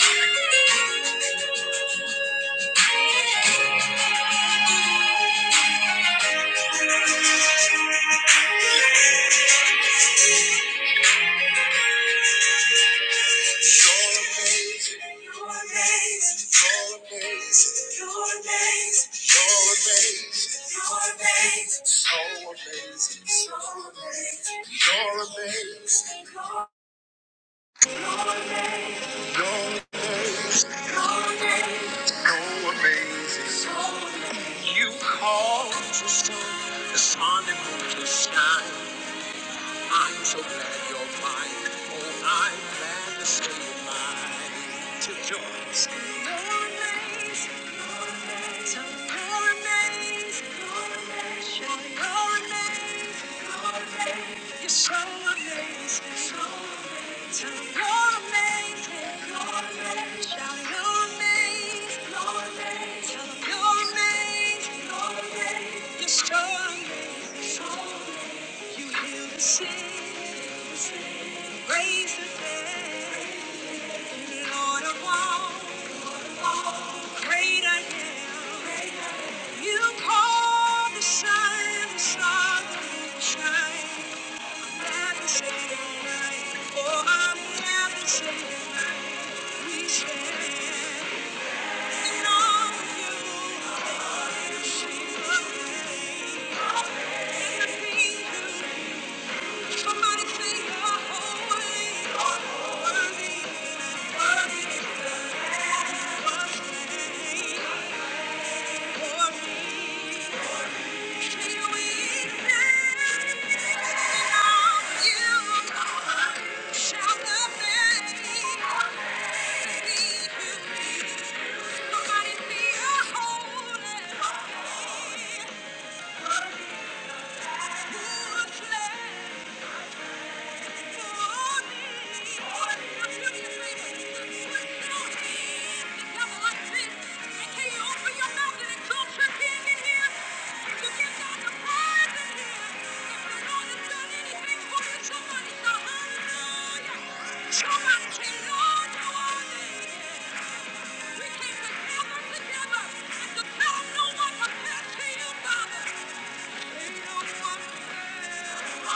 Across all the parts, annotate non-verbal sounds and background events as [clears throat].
You call the sun, the sun that moves the sky. I'm so glad you're mine. Oh, I'm glad to say you're mine. Till joys. Your name's so amazing. Your name's You're so amazing. So amazing. You're amazing. colonnades. Shout your name. Tell 'em your name. You're so amazing. so amazing. You heal the sick, raise the dead. Lord of all, great I am. You call the sun, the sun will shine. Never say goodnight, for I'm never saying goodnight. We stand in awe of you, and see the pain, and the things you Somebody say you're holy. You're worthy. Thank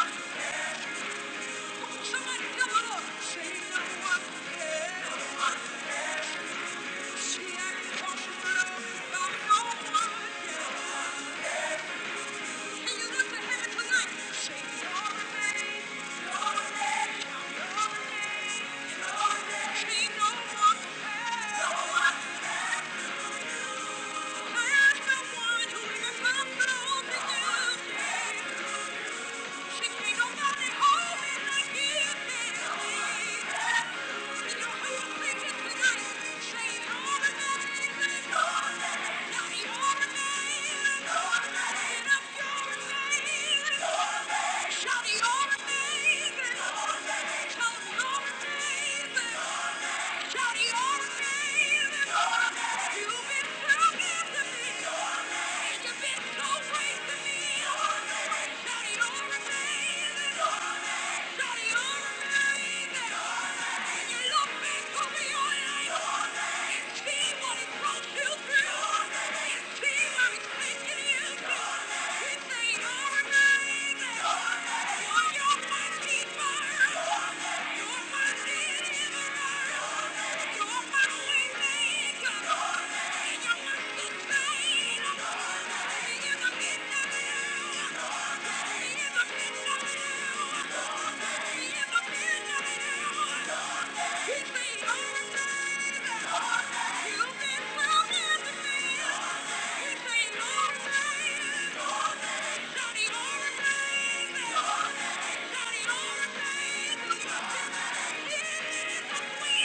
you. Somebody help the Lord. Say no one else. She acted comfortable by no one else. Can you lift your hand tonight? Say your name, your name, your name, your name. She no one else. No one else. I am the one who lives above the earth. Shout you're amazing. Shout, you're amazing. You're my sustainer.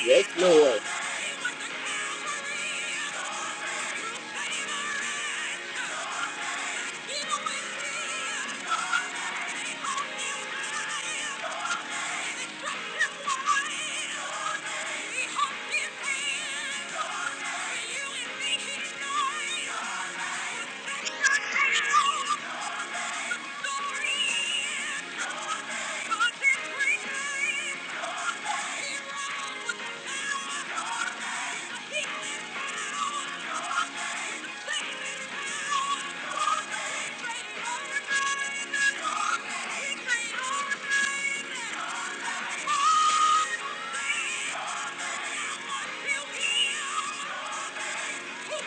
Yes. Thank you. Yeah. Thank you.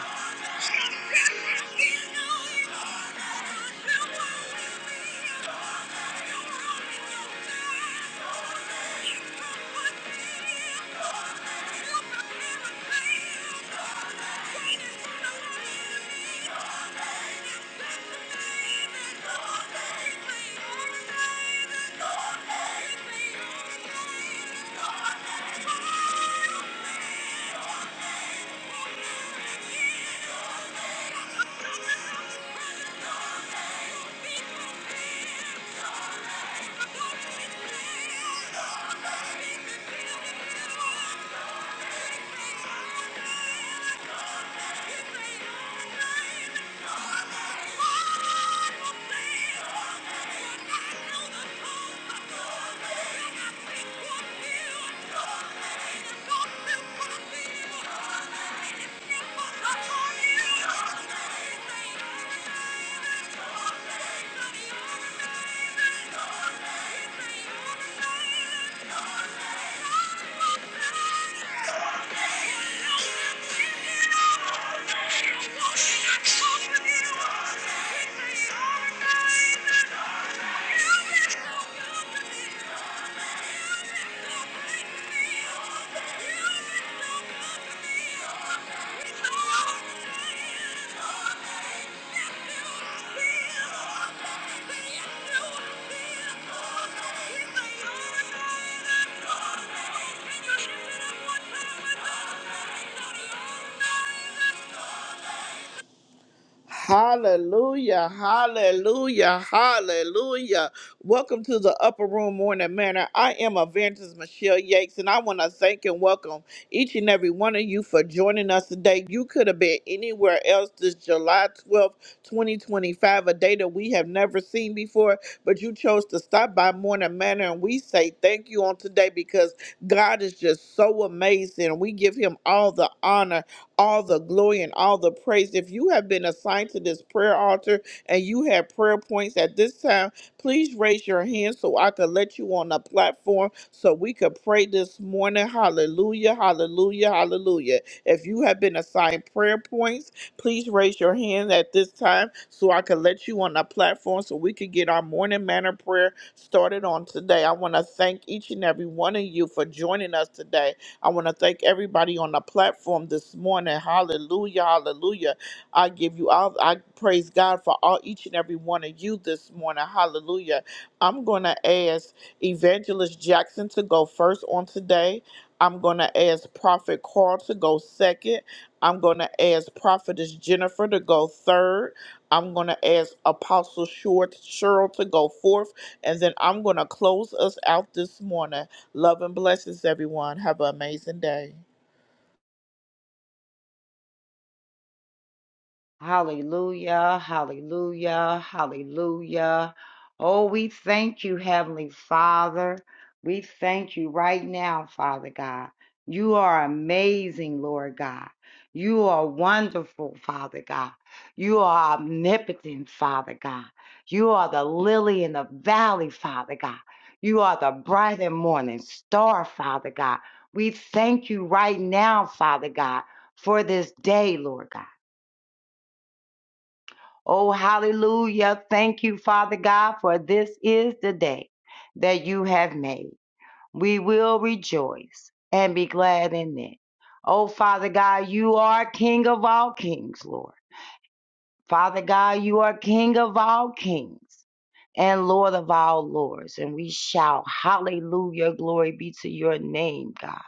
[laughs] Thank you. Thank you. Thank you. Hallelujah, hallelujah, hallelujah. Welcome to the Upper Room Morning Manor. I am Evangelist Michelle Yates, and I want to thank and welcome each and every one of you for joining us today. You could have been anywhere else this July 12th, 2025, a day that we have never seen before, but you chose to stop by Morning Manor, and we say thank you on today because God is just so amazing. We give him all the honor all the glory and all the praise. If you have been assigned to this prayer altar and you have prayer points at this time, please raise your hand so I could let you on the platform so we could pray this morning. Hallelujah, hallelujah, hallelujah. If you have been assigned prayer points, please raise your hand at this time so I can let you on the platform so we could get our morning manner prayer started on today. I want to thank each and every one of you for joining us today. I want to thank everybody on the platform this morning. Hallelujah, hallelujah. I give you all, I praise God for all each and every one of you this morning. Hallelujah. I'm going to ask Evangelist Jackson to go first on today. I'm going to ask Prophet Carl to go second. I'm going to ask Prophetess Jennifer to go third. I'm going to ask Apostle Short Cheryl to go fourth. And then I'm going to close us out this morning. Love and blessings, everyone. Have an amazing day. Hallelujah, hallelujah, hallelujah. Oh, we thank you, Heavenly Father. We thank you right now, Father God. You are amazing, Lord God. You are wonderful, Father God. You are omnipotent, Father God. You are the lily in the valley, Father God. You are the bright and morning star, Father God. We thank you right now, Father God, for this day, Lord God. Oh, hallelujah. Thank you, Father God, for this is the day that you have made. We will rejoice and be glad in it. Oh, Father God, you are King of all kings, Lord. Father God, you are King of all kings and Lord of all lords. And we shout, Hallelujah, glory be to your name, God.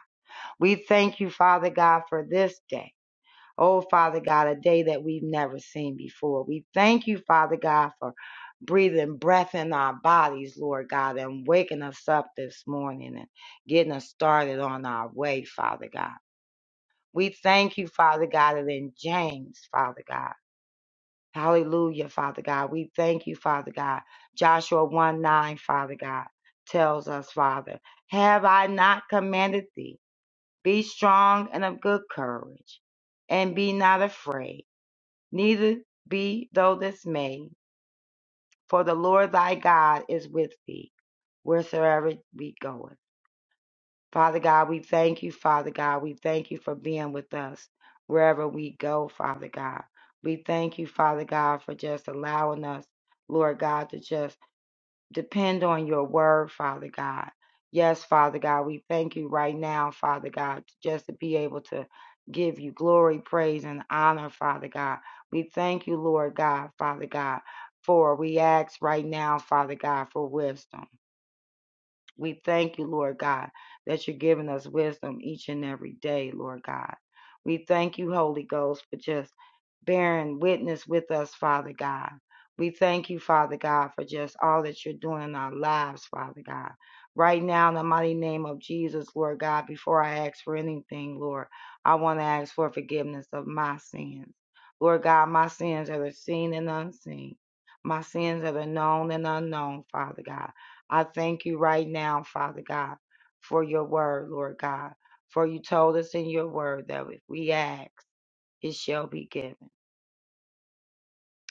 We thank you, Father God, for this day. Oh, Father God, a day that we've never seen before. We thank you, Father God, for breathing breath in our bodies, Lord God, and waking us up this morning and getting us started on our way, Father God. We thank you, Father God, and in James, Father God. Hallelujah, Father God. We thank you, Father God. Joshua 1 9, Father God, tells us, Father, have I not commanded thee? Be strong and of good courage, and be not afraid Neither be thou this dismayed, for the Lord thy God is with thee wheresoever we goeth. Father God, we thank you, Father God. We thank you for being with us wherever we go, Father God. We thank you, Father God, for just allowing us, Lord God, to just depend on your word, Father God. Yes, Father God, we thank you right now, Father God, just to be able to give you glory, praise, and honor, Father God. We thank you, Lord God, Father God, for we ask right now, Father God, for wisdom. We thank you, Lord God, that you're giving us wisdom each and every day, Lord God. We thank you, Holy Ghost, for just bearing witness with us, Father God. We thank you, Father God, for just all that you're doing in our lives, Father God. Right now, in the mighty name of Jesus, Lord God, before I ask for anything, Lord, I want to ask for forgiveness of my sins. Lord God, my sins that are seen and unseen, my sins that are known and unknown, Father God. I thank you right now, Father God, for your word, Lord God. For you told us in your word that if we ask, it shall be given.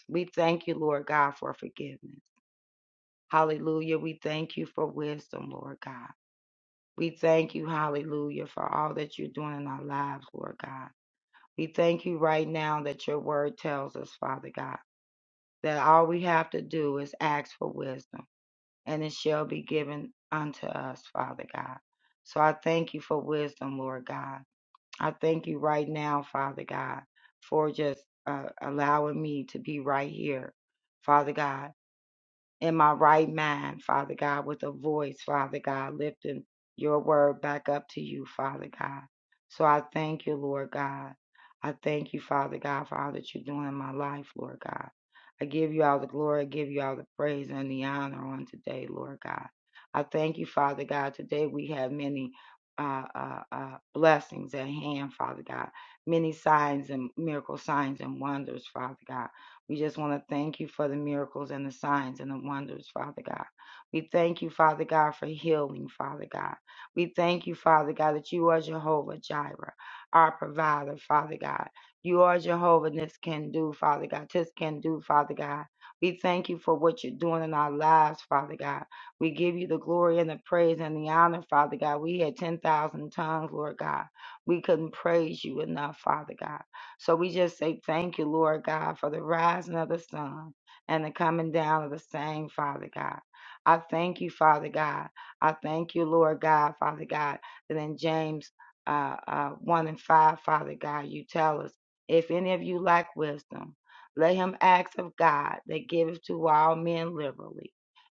We thank you, Lord God, for forgiveness. Hallelujah. We thank you for wisdom, Lord God. We thank you, hallelujah, for all that you're doing in our lives, Lord God. We thank you right now that your word tells us, Father God, that all we have to do is ask for wisdom. and it shall be given unto us, Father God. So I thank you for wisdom, Lord God. I thank you right now, Father God, for just uh, allowing me to be right here, Father God in my right mind, Father God, with a voice, Father God, lifting your word back up to you, Father God. So I thank you, Lord God. I thank you, Father God, for all that you're doing in my life, Lord God. I give you all the glory, I give you all the praise and the honor on today, Lord God. I thank you, Father God. Today we have many uh, uh, uh, blessings at hand, Father God. Many signs and miracle signs and wonders, Father God. We just want to thank you for the miracles and the signs and the wonders, Father God. We thank you, Father God, for healing, Father God. We thank you, Father God, that you are Jehovah Jireh, our provider, Father God. You are Jehovah, and this can do, Father God. This can do, Father God. We thank you for what you're doing in our lives, Father God. We give you the glory and the praise and the honor, Father God. We had 10,000 tongues, Lord God. We couldn't praise you enough, Father God. So we just say thank you, Lord God, for the rising of the sun and the coming down of the same, Father God. I thank you, Father God. I thank you, Lord God, Father God, that in James uh, uh, 1 and 5, Father God, you tell us, if any of you lack wisdom, let him ask of God that giveth to all men liberally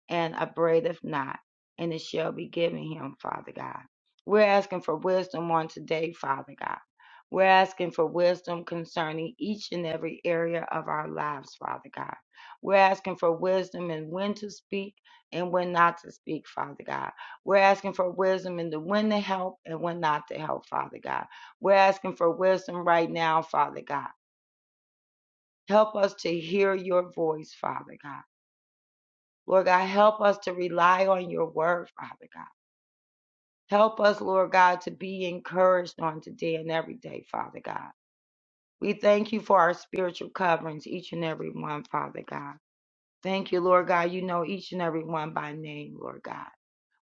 and upbraideth not, and it shall be given him, Father God. We're asking for wisdom on today, Father God. We're asking for wisdom concerning each and every area of our lives, Father God. We're asking for wisdom in when to speak and when not to speak, Father God. We're asking for wisdom in the when to help and when not to help, Father God. We're asking for wisdom right now, Father God. Help us to hear your voice, Father God. Lord God, help us to rely on your word, Father God. Help us, Lord God, to be encouraged on today and every day, Father God. We thank you for our spiritual coverings, each and every one, Father God. Thank you, Lord God. You know each and every one by name, Lord God.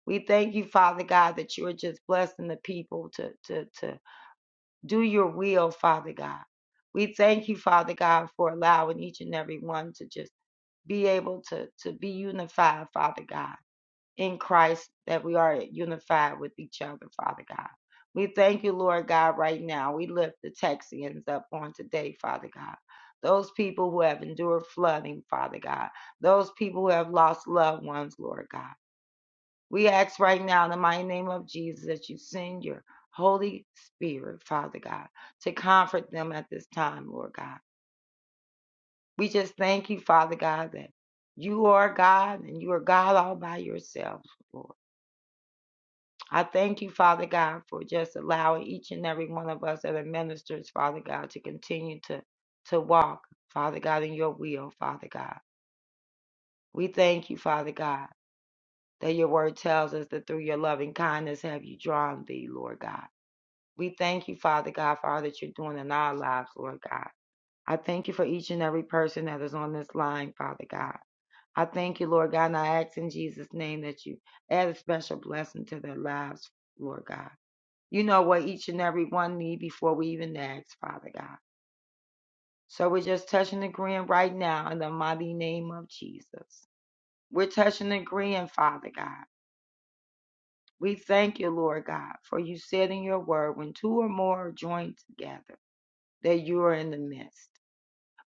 We thank you, Father God, that you are just blessing the people to, to, to do your will, Father God. We thank you, Father God, for allowing each and every one to just be able to, to be unified, Father God in Christ that we are unified with each other, Father God. We thank you, Lord God, right now. We lift the Texians up on today, Father God. Those people who have endured flooding, Father God. Those people who have lost loved ones, Lord God. We ask right now in the mighty name of Jesus that you send your Holy Spirit, Father God, to comfort them at this time, Lord God. We just thank you, Father God, that you are God and you are God all by yourself, Lord. I thank you, Father God, for just allowing each and every one of us that are ministers, Father God, to continue to, to walk, Father God, in your will, Father God. We thank you, Father God, that your word tells us that through your loving kindness have you drawn thee, Lord God. We thank you, Father God, for all that you're doing in our lives, Lord God. I thank you for each and every person that is on this line, Father God. I thank you, Lord God, and I ask in Jesus' name that you add a special blessing to their lives, Lord God. You know what each and every one need before we even ask, Father God. So we're just touching the agreeing right now in the mighty name of Jesus. We're touching the agreeing, Father God. We thank you, Lord God, for you said in your word, when two or more are joined together, that you are in the midst.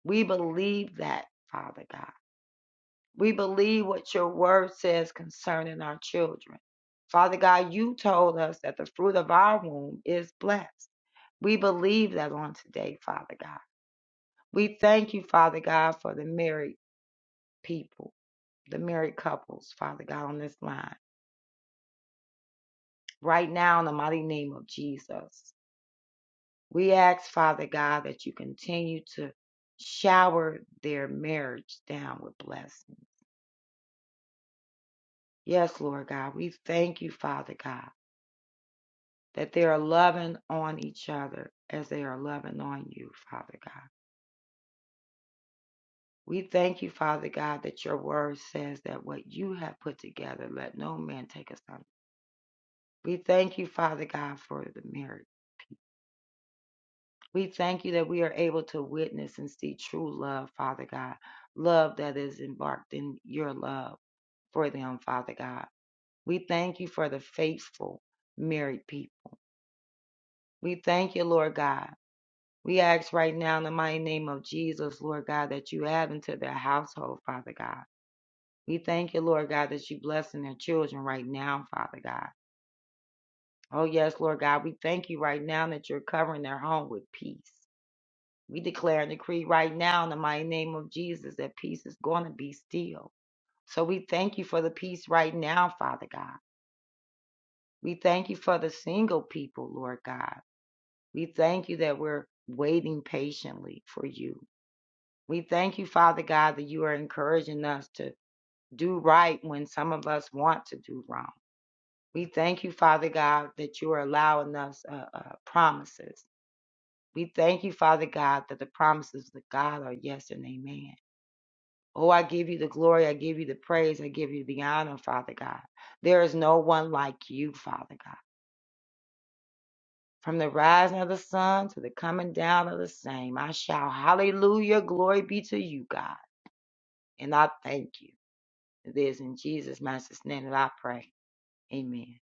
We believe that, Father God. We believe what your word says concerning our children. Father God, you told us that the fruit of our womb is blessed. We believe that on today, Father God. We thank you, Father God, for the married people, the married couples, Father God, on this line. Right now, in the mighty name of Jesus, we ask, Father God, that you continue to shower their marriage down with blessings. Yes, Lord God, we thank you, Father God, that they are loving on each other as they are loving on you, Father God. We thank you, Father God, that your word says that what you have put together, let no man take us We thank you, Father God, for the marriage. We thank you that we are able to witness and see true love, Father God, love that is embarked in your love for them, Father God. We thank you for the faithful married people. We thank you, Lord God. We ask right now in the mighty name of Jesus, Lord God, that you add into their household, Father God. We thank you, Lord God, that you blessing their children right now, Father God. Oh yes, Lord God, we thank you right now that you're covering their home with peace. We declare and decree right now in the mighty name of Jesus that peace is going to be still. So we thank you for the peace right now, Father God. We thank you for the single people, Lord God. We thank you that we're waiting patiently for you. We thank you, Father God, that you are encouraging us to do right when some of us want to do wrong. We thank you, Father God, that you are allowing us uh, uh, promises. We thank you, Father God, that the promises of God are yes and amen. Oh, I give you the glory. I give you the praise. I give you the honor, Father God. There is no one like you, Father God. From the rising of the sun to the coming down of the same, I shout hallelujah. Glory be to you, God. And I thank you. It is in Jesus' master's name that I pray. Amen.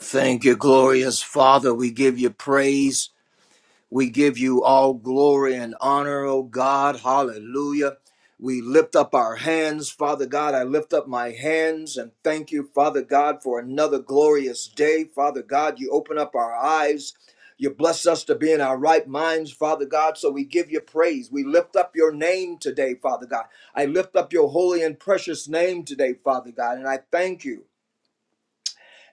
Thank you, glorious Father. We give you praise. We give you all glory and honor, oh God. Hallelujah. We lift up our hands, Father God. I lift up my hands and thank you, Father God, for another glorious day. Father God, you open up our eyes. You bless us to be in our right minds, Father God. So we give you praise. We lift up your name today, Father God. I lift up your holy and precious name today, Father God. And I thank you.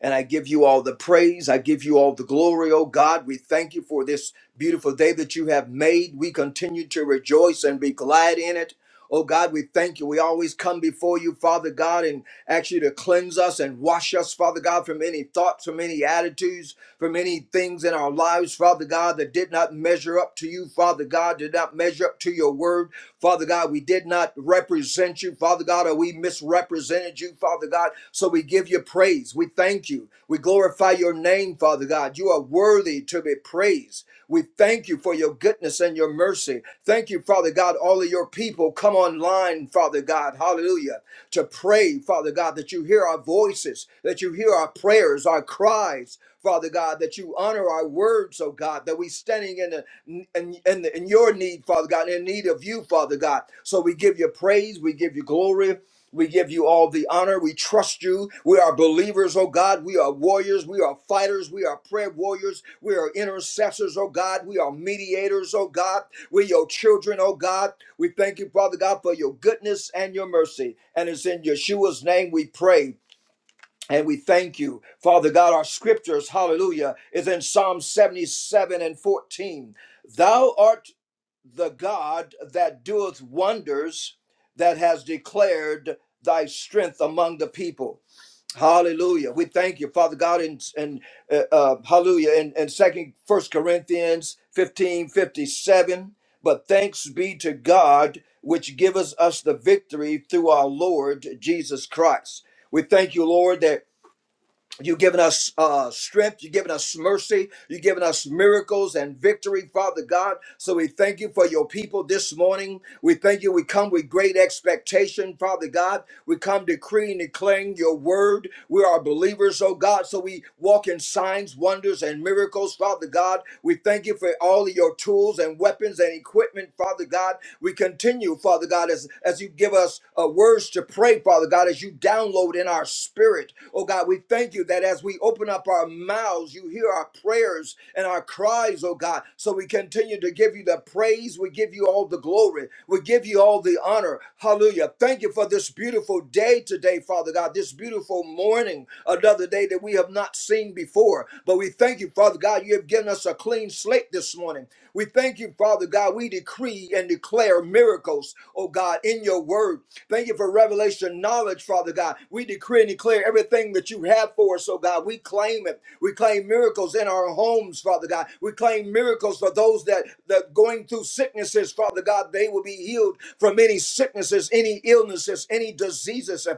And I give you all the praise. I give you all the glory, oh God. We thank you for this beautiful day that you have made. We continue to rejoice and be glad in it. Oh God, we thank you. We always come before you, Father God, and ask you to cleanse us and wash us, Father God, from any thoughts, from any attitudes, from any things in our lives, Father God, that did not measure up to you, Father God, did not measure up to your word. Father God, we did not represent you, Father God, or we misrepresented you, Father God. So we give you praise. We thank you. We glorify your name, Father God. You are worthy to be praised. We thank you for your goodness and your mercy. Thank you, Father God. All of your people come online, Father God. Hallelujah. To pray, Father God, that you hear our voices, that you hear our prayers, our cries, Father God, that you honor our words, oh God, that we standing in and, and, and your need, Father God, and in need of you, Father God. So we give you praise, we give you glory. We give you all the honor. We trust you. We are believers, oh God. We are warriors. We are fighters. We are prayer warriors. We are intercessors, oh God. We are mediators, oh God. We're your children, oh God. We thank you, Father God, for your goodness and your mercy. And it's in Yeshua's name we pray. And we thank you, Father God. Our scriptures, hallelujah, is in Psalm 77 and 14. Thou art the God that doeth wonders, that has declared thy strength among the people. Hallelujah. We thank you, Father God, and, and uh, uh, hallelujah, and, and second, first Corinthians 15 57. But thanks be to God, which giveth us the victory through our Lord Jesus Christ. We thank you, Lord, that You've given us uh, strength. You've given us mercy. You've given us miracles and victory, Father God. So we thank you for your people this morning. We thank you. We come with great expectation, Father God. We come decreeing, and declaring your word. We are believers, oh God. So we walk in signs, wonders, and miracles, Father God. We thank you for all of your tools and weapons and equipment, Father God. We continue, Father God, as, as you give us uh, words to pray, Father God, as you download in our spirit, oh God Oh God, we thank you that as we open up our mouths, you hear our prayers and our cries, oh God. So we continue to give you the praise. We give you all the glory. We give you all the honor. Hallelujah. Thank you for this beautiful day today, Father God, this beautiful morning, another day that we have not seen before. But we thank you, Father God, you have given us a clean slate this morning. We thank you, Father God. We decree and declare miracles, oh God, in your word. Thank you for revelation knowledge, Father God. We decree and declare declare everything that you have for us, oh God. We claim it. We claim miracles in our homes, Father God. We claim miracles for those that that going through sicknesses, Father God. They will be healed from any sicknesses, any illnesses, any diseases. uh,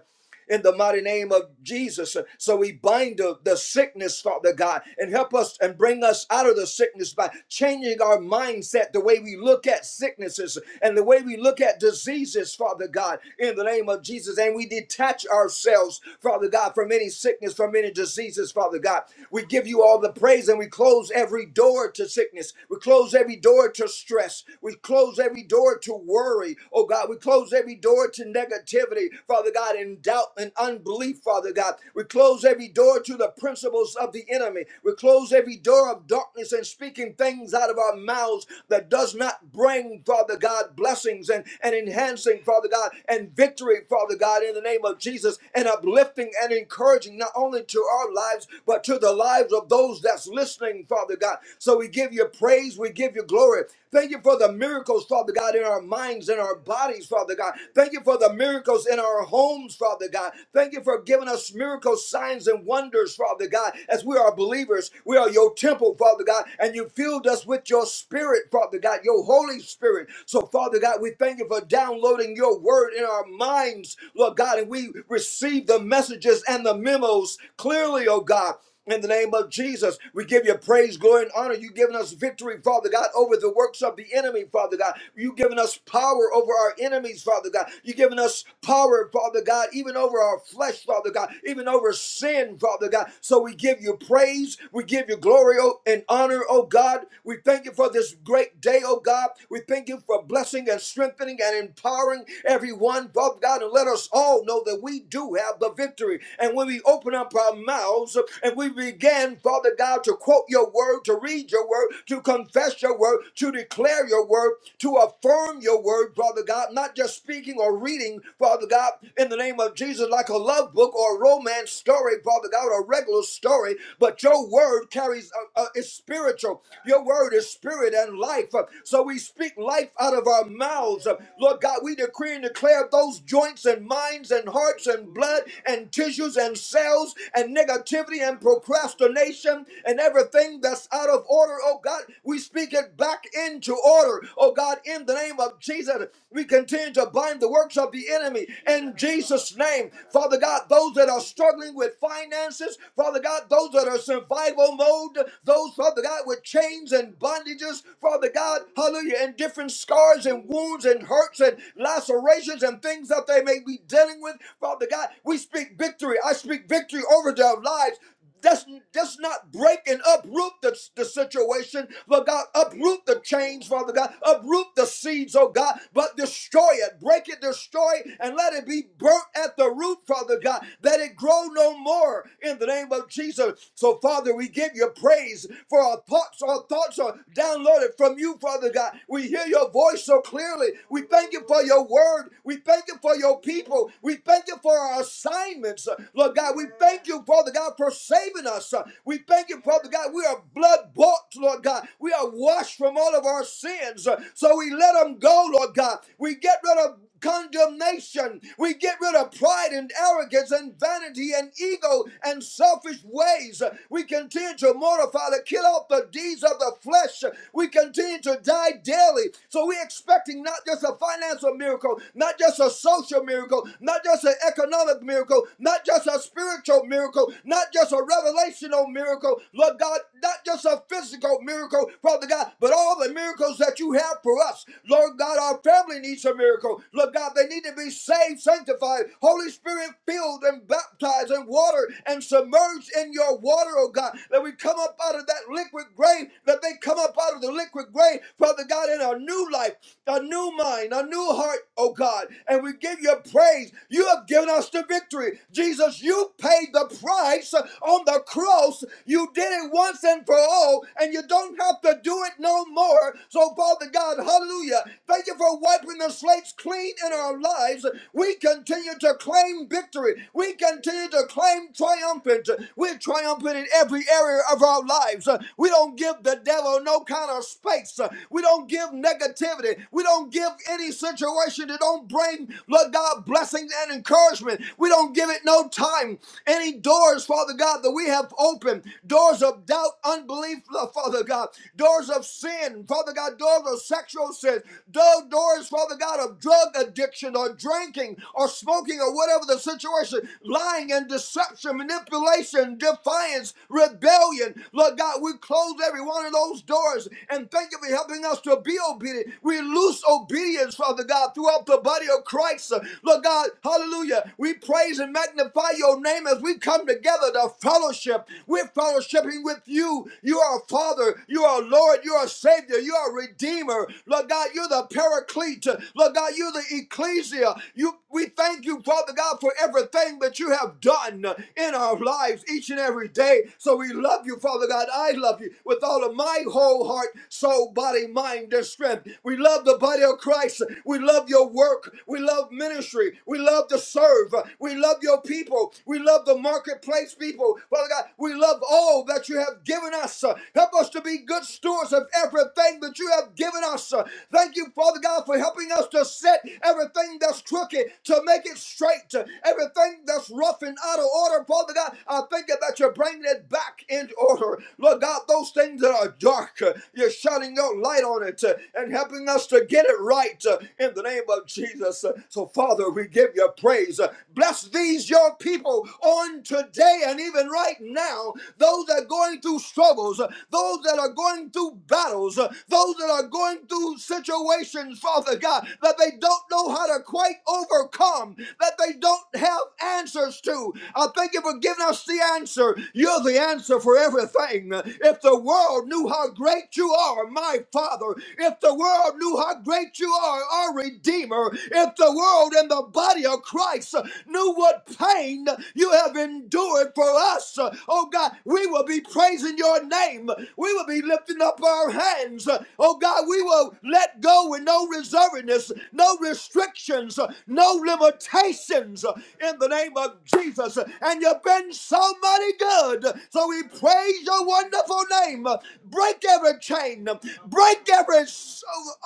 In the mighty name of Jesus. Uh, So we bind the, the sickness, Father God, and help us and bring us out of the sickness by changing our mindset, the way we look at sicknesses and the way we look at diseases, Father God, in the name of Jesus. And we detach our ourselves, Father God, from any sickness, from any diseases, Father God. We give you all the praise and we close every door to sickness. We close every door to stress. We close every door to worry, oh God. We close every door to negativity, Father God, and doubt and unbelief, Father God. We close every door to the principles of the enemy. We close every door of darkness and speaking things out of our mouths that does not bring, Father God, blessings and, and enhancing, Father God, and victory, Father God, in the in the name of Jesus and uplifting and encouraging not only to our lives, but to the lives of those that's listening, Father God. So we give you praise, we give you glory. Thank you for the miracles, Father God, in our minds and our bodies, Father God. Thank you for the miracles in our homes, Father God. Thank you for giving us miracles, signs, and wonders, Father God, as we are believers. We are your temple, Father God, and you filled us with your spirit, Father God, your Holy Spirit. So, Father God, we thank you for downloading your word in our minds minds, Lord God, and we receive the messages and the memos clearly, oh God. In the name of Jesus, we give you praise, glory, and honor. You've given us victory, Father God, over the works of the enemy, Father God. You've given us power over our enemies, Father God. You've given us power, Father God, even over our flesh, Father God, even over sin, Father God. So we give you praise. We give you glory oh, and honor, oh God. We thank you for this great day, oh God. We thank you for blessing and strengthening and empowering everyone everyone, Father God, and let us all know that we do have the victory. And when we open up our mouths and we begin, Father God, to quote your word, to read your word, to confess your word, to declare your word, to affirm your word, Father God, not just speaking or reading, Father God, in the name of Jesus, like a love book or a romance story, Father God, a regular story, but your word carries, uh, uh, is spiritual. Your word is spirit and life. So we speak life out of our mouths. Lord God, we we decree and declare those joints and minds and hearts and blood and tissues and cells and negativity and procrastination and everything that's out of order, oh God, we speak it back into order, oh God, in the name of Jesus. We continue to bind the works of the enemy in Jesus' name. Father God, those that are struggling with finances, Father God, those that are survival mode, those, Father God, with chains and bondages, Father God, hallelujah, and different scars and wounds and and hurts and lacerations and things that they may be dealing with. Father God, we speak victory. I speak victory over their lives. That's, that's not break and uproot the, the situation, but God, uproot the chains, Father God, uproot the seeds, oh God, but destroy it, break it, destroy it, and let it be burnt at the root, Father God, that it grow no more in the name of Jesus. So, Father, we give you praise for our thoughts. Our thoughts are downloaded from you, Father God. We hear your voice, so clearly. We thank you for your word. We thank you for your people. We thank you for our assignments. uh, Lord God, we thank you, Father God, for saving us. uh. We thank you, Father God. We are blood bought, Lord God. We are washed from all of our sins. uh. So we let them go, Lord God. We get rid of condemnation. We get rid of pride and arrogance and vanity and ego and selfish ways. We continue to mortify, to kill off the deeds of the flesh. We continue to die daily. So we're expecting not just a financial miracle, not just a social miracle, not just an economic miracle, not just a spiritual miracle, not just a revelational miracle, Lord God, not just a physical miracle, Father God, but all the miracles that you have for us. Lord God, our family needs a miracle world. Lord God, they need to be saved, sanctified, Holy Spirit filled and baptized in water and submerged in your water, oh God. That we come up out of that liquid grave, that they come up out of the liquid grave, Father God, in our new life, a new mind, a new heart, oh God. And we give you praise. You have given us the victory. Jesus, you paid the price on the cross. You did it once and for all, and you don't have to do it no more. So, Father God, hallelujah. Thank you for wiping the slate slates clean in our lives, we continue to claim victory. We continue to claim triumphant. We're triumphant in every area of our lives. We don't give the devil no kind of space. We don't give negativity. We don't give any situation that don't bring, Lord God, blessings and encouragement. We don't give it no time. Any doors, Father God, that we have opened, doors of doubt, unbelief, Father God, doors of sin, Father God, doors of sexual sin, do- doors, Father. Father God, of drug addiction or drinking or smoking or whatever the situation, lying and deception, manipulation, defiance, rebellion. Lord God, we close every one of those doors and thank you for helping us to be obedient. We loose obedience, Father God, throughout the body of Christ. Lord God, hallelujah. We praise and magnify your name as we come together to fellowship. We're fellowshipping with you. You are Father, you are Lord, you are Savior, you are Redeemer. Lord God, you're the paraclete feet. Lord God, you're the ecclesia. You, we thank you, Father God, for everything that you have done in our lives each and every day. So we love you, Father God. I love you with all of my whole heart, soul, body, mind, and strength. We love the body of Christ. We love your work. We love ministry. We love to serve. We love your people. We love the marketplace people. Father God, we love all that you have given us. Help us to be good stewards of everything that you have given us. Thank you, Father God. God, for helping us to set everything that's crooked, to make it straight, to everything that's rough and out of order. Father God, I thank you that you're bringing it back into order. Lord God, those things that are dark, uh, you're shining your light on it uh, and helping us to get it right uh, in the name of Jesus. Uh, So, Father, we give you praise. Uh, Bless these, your people, on today and even right now, those that are going through struggles, uh, those that are going through battles, uh, those that are going through situations situations, Father God, that they don't know how to quite overcome, that they don't have answers to. I thank you for giving us the answer. You're the answer for everything. If the world knew how great you are, my Father, if the world knew how great you are, our Redeemer, if the world and the body of Christ knew what pain you have endured for us, oh God, we will be praising your name. We will be lifting up our hands. Oh God, we will let go go with no reservedness, no restrictions, no limitations in the name of Jesus. And you've been so mighty good. So we praise your wonderful name. Break every chain, break every s-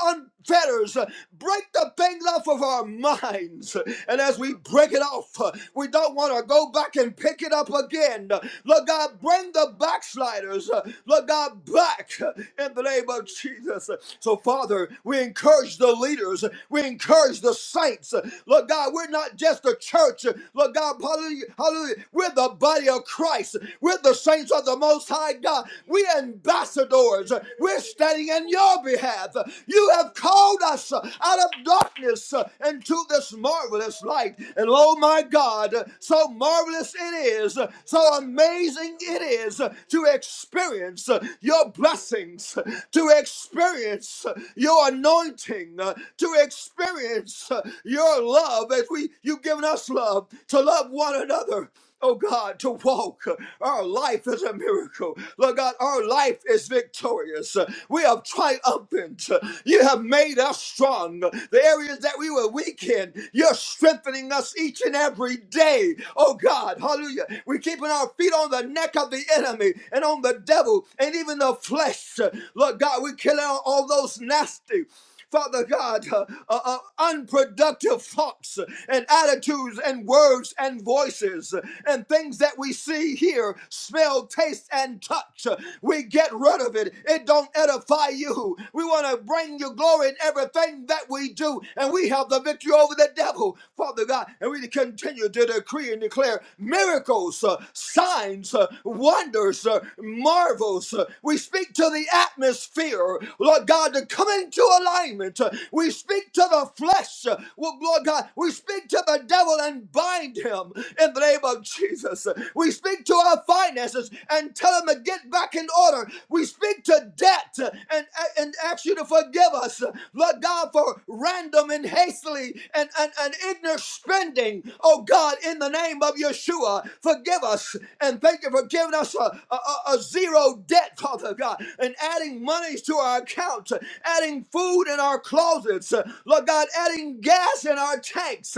unfetters, break the things off of our minds. And as we break it off, we don't want to go back and pick it up again. Lord God, bring the backsliders, Lord God, back in the name of Jesus. So, Father, word. We encourage the leaders. We encourage the saints. Lord God, we're not just a church. Lord God, hallelujah, hallelujah. We're the body of Christ. We're the saints of the Most High God. We're ambassadors. We're standing in your behalf. You have called us out of darkness into this marvelous light. And oh my God, so marvelous it is, so amazing it is to experience your blessings, to experience your anointing uh, to experience uh, your love as we you've given us love to love one another. Oh God, to walk. uh, Our life is a miracle. Lord God, our life is victorious. Uh, We are triumphant. Uh, You have made us strong. The areas that we were weak in, you're strengthening us each and every day. Oh God, hallelujah. We're keeping our feet on the neck of the enemy and on the devil and even the flesh. Uh, Lord God, we're killing all those those nasty, Father God, uh, uh, uh, unproductive thoughts and attitudes and words and voices and things that we see, hear, smell, taste, and touch. We get rid of it. It don't edify you. We want to bring you glory in everything that we do, and we have the victory over the devil, Father God. And we continue to decree and declare miracles, uh, signs, uh, wonders, uh, marvels. Uh, we speak to the atmosphere, Lord God. God, to come into alignment. We speak to the flesh, well, Lord God, we speak to the devil and bind him in the name of Jesus. We speak to our finances and tell him to get back in order. We speak to debt and, and ask you to forgive us, Lord God, for random and hastily and, and, and ignorant spending. Oh God, in the name of Yeshua, forgive us and thank you for giving us a, a, a a zero debt, Father God, and adding monies to our account accounts, adding food in our closets, Lord God, adding gas in our tanks,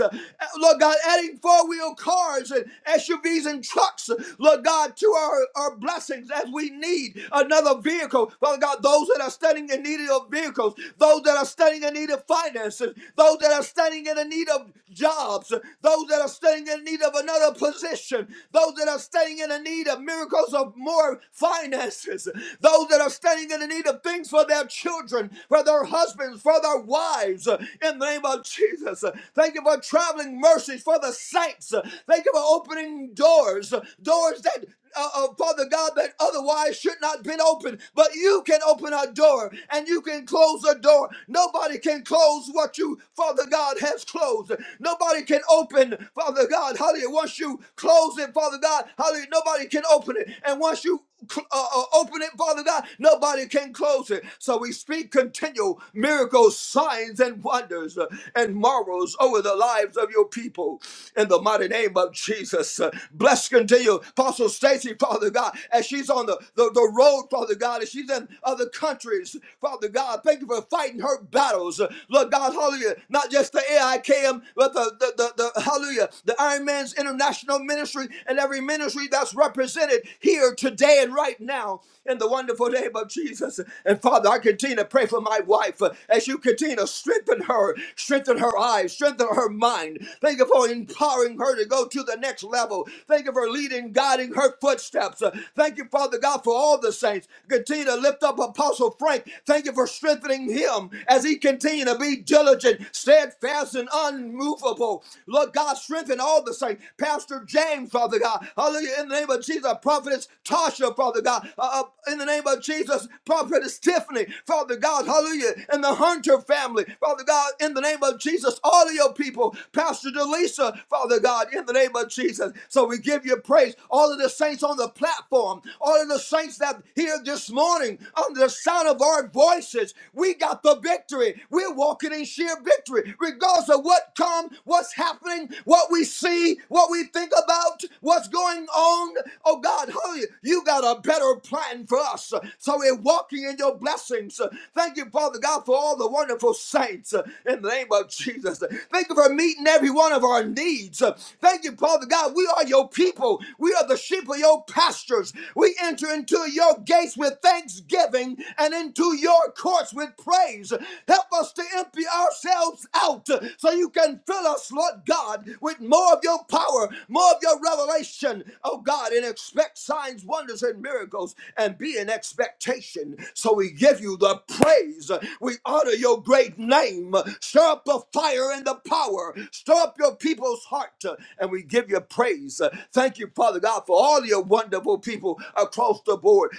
Lord God, adding four wheel cars and SUVs and trucks, Lord God, to our, our blessings as we need another vehicle. Father God, those that are standing in need of vehicles, those that are standing in need of finances, those that are standing in need of jobs, those that are standing in need of another position, those that are standing in need of miracles of more finances, those that are standing in need of things for for their children, for their husbands, for their wives, uh, in the name of Jesus. Uh, Thank you for traveling mercies for the saints. Uh, Thank you for opening doors, uh, doors that uh, uh, Father God, that otherwise should not have been open. But you can open a door and you can close a door. Nobody can close what you, Father God, has closed. Nobody can open, Father God, hallelujah. Once you close it, Father God, hallelujah, nobody can open it. And once you uh, uh, open it, Father God. Nobody can close it. So we speak continual miracles, signs, and wonders uh, and marvels over the lives of your people in the mighty name of Jesus. Uh, bless continue, Apostle Stacy, Father God, as she's on the, the, the road, Father God, as she's in other countries, Father God. Thank you for fighting her battles. Uh, Lord God, hallelujah. Not just the AIKM, but the, the, the, the hallelujah, the Iron Man's International Ministry and every ministry that's represented here today in right now in the wonderful name of Jesus. And Father, I continue to pray for my wife uh, as you continue to strengthen her, strengthen her eyes, strengthen her mind. Thank you for empowering her to go to the next level. Thank you for leading, guiding her footsteps. Uh, Thank you, Father God, for all the saints. Continue to lift up Apostle Frank. Thank you for strengthening him as he continue to be diligent, steadfast, and unmovable. Lord God, strengthen all the saints. Pastor James, Father God, hallelujah, in the name of Jesus, prophetess Tasha. Israel, Father God. Uh, uh, in the name of Jesus, Prophetess Tiffany, Father God, hallelujah. And the Hunter family, Father God, in the name of Jesus, all of your people, Pastor Delisa, Father God, in the name of Jesus. So we give you praise. All of the saints on the platform, all of the saints that here this morning, under the sound of our voices, we got the victory. We're walking in sheer victory, regardless of what come, what's happening, what we see, what we think about, what's going on. Oh God, hallelujah. You got got a better plan for us. So we're walking in your blessings. Thank you, Father God, for all the wonderful saints uh, in the name of Jesus. Thank you for meeting every one of our needs. Uh, Thank you, Father God. We are your people. We are the sheep of your pastures. We enter into your gates with thanksgiving and into your courts with praise. Help us to empty ourselves out uh, so you can fill us, Lord God, with more of your power, more of your revelation, oh God, and expect signs, wonders, and wonders and miracles and be in expectation. So we give you the praise. We honor your great name. Stir up the fire and the power. Stir up your people's heart. And we give you praise. Thank you, Father God, for all your wonderful people across the board.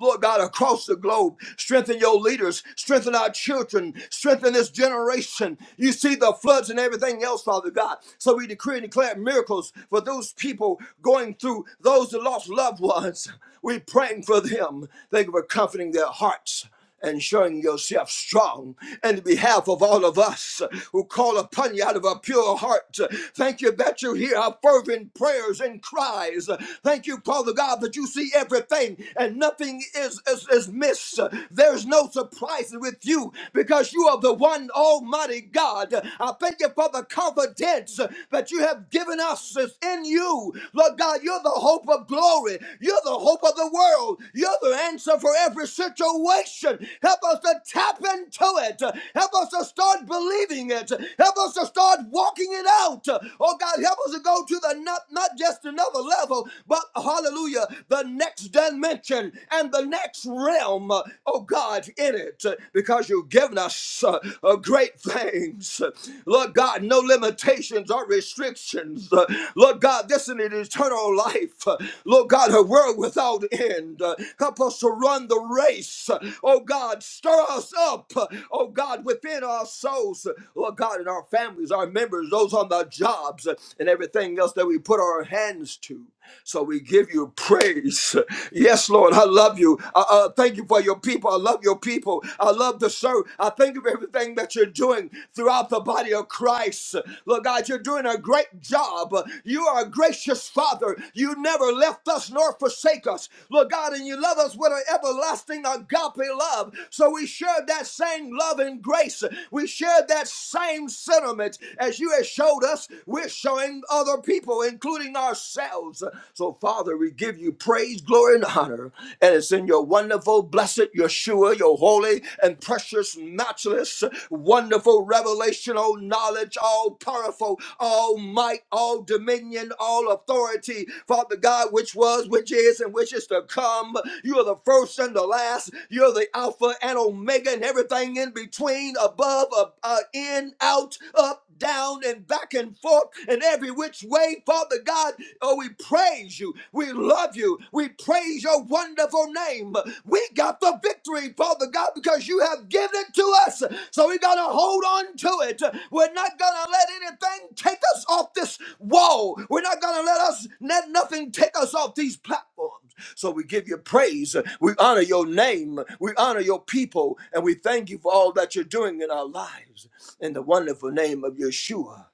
Lord God, across the globe. Strengthen your leaders. Strengthen our children. Strengthen this generation. You see the floods and everything else, Father God. So we decree and declare miracles for those people going through those who lost loved ones. We're praying for them. Thank you for comforting their hearts and showing yourself strong in behalf of all of us who call upon you out of a pure heart. Thank you that you hear our fervent prayers and cries. Thank you, Father God, that you see everything and nothing is, is, is missed. There's no surprises with you because you are the one Almighty God. I thank you for the confidence that you have given us is in you. Lord God, you're the hope of glory. You're the hope hope of the world. You're the answer for every situation. Help us to tap into it. Help us to start believing it. Help us to start walking it out. Oh God, help us to go to the not, not just another level, but hallelujah, the next dimension and the next realm. Oh God, in it, because you've given us uh, uh, great things. Lord God, no limitations or restrictions. Uh, Lord God, this is an eternal life. Uh, Lord God, a world without without end. Uh, Help us to run the race. Uh, Oh God, stir us up. Uh, Oh God, within our souls. Uh, Lord God, in our families, our members, those on the jobs, uh, and everything else that we put our hands to. So we give you praise. Yes, Lord, I love you. Uh, uh, thank you for your people. I love your people. I love the serve. I thank you for everything that you're doing throughout the body of Christ. Lord God, you're doing a great job. You are a gracious Father. You never left us nor forsake us forsake us. Lord God, and you love us with an everlasting agape love. So we share that same love and grace. We share that same sentiment as you have showed us. We're showing other people, including ourselves. So, Father, we give you praise, glory, and honor. And it's in your wonderful, blessed Yeshua, your holy and precious, matchless, wonderful, revelational knowledge, all powerful, all might, all dominion, all authority, Father God, which was, which is, and which Wishes to come. You are the first and the last. You're the Alpha and Omega and everything in between, above, ab- uh, in, out, up, down, and back and forth, and every which way, Father God. Oh, we praise you. We love you. We praise your wonderful name. We got the victory, Father God, because you have given it to us. So we got to hold on to it. We're not going to let anything take us off this wall. We're not going to let us let nothing take us off these platforms. So we give you praise. We honor your name. We honor your people. And we thank you for all that you're doing in our lives. In the wonderful name of Yeshua.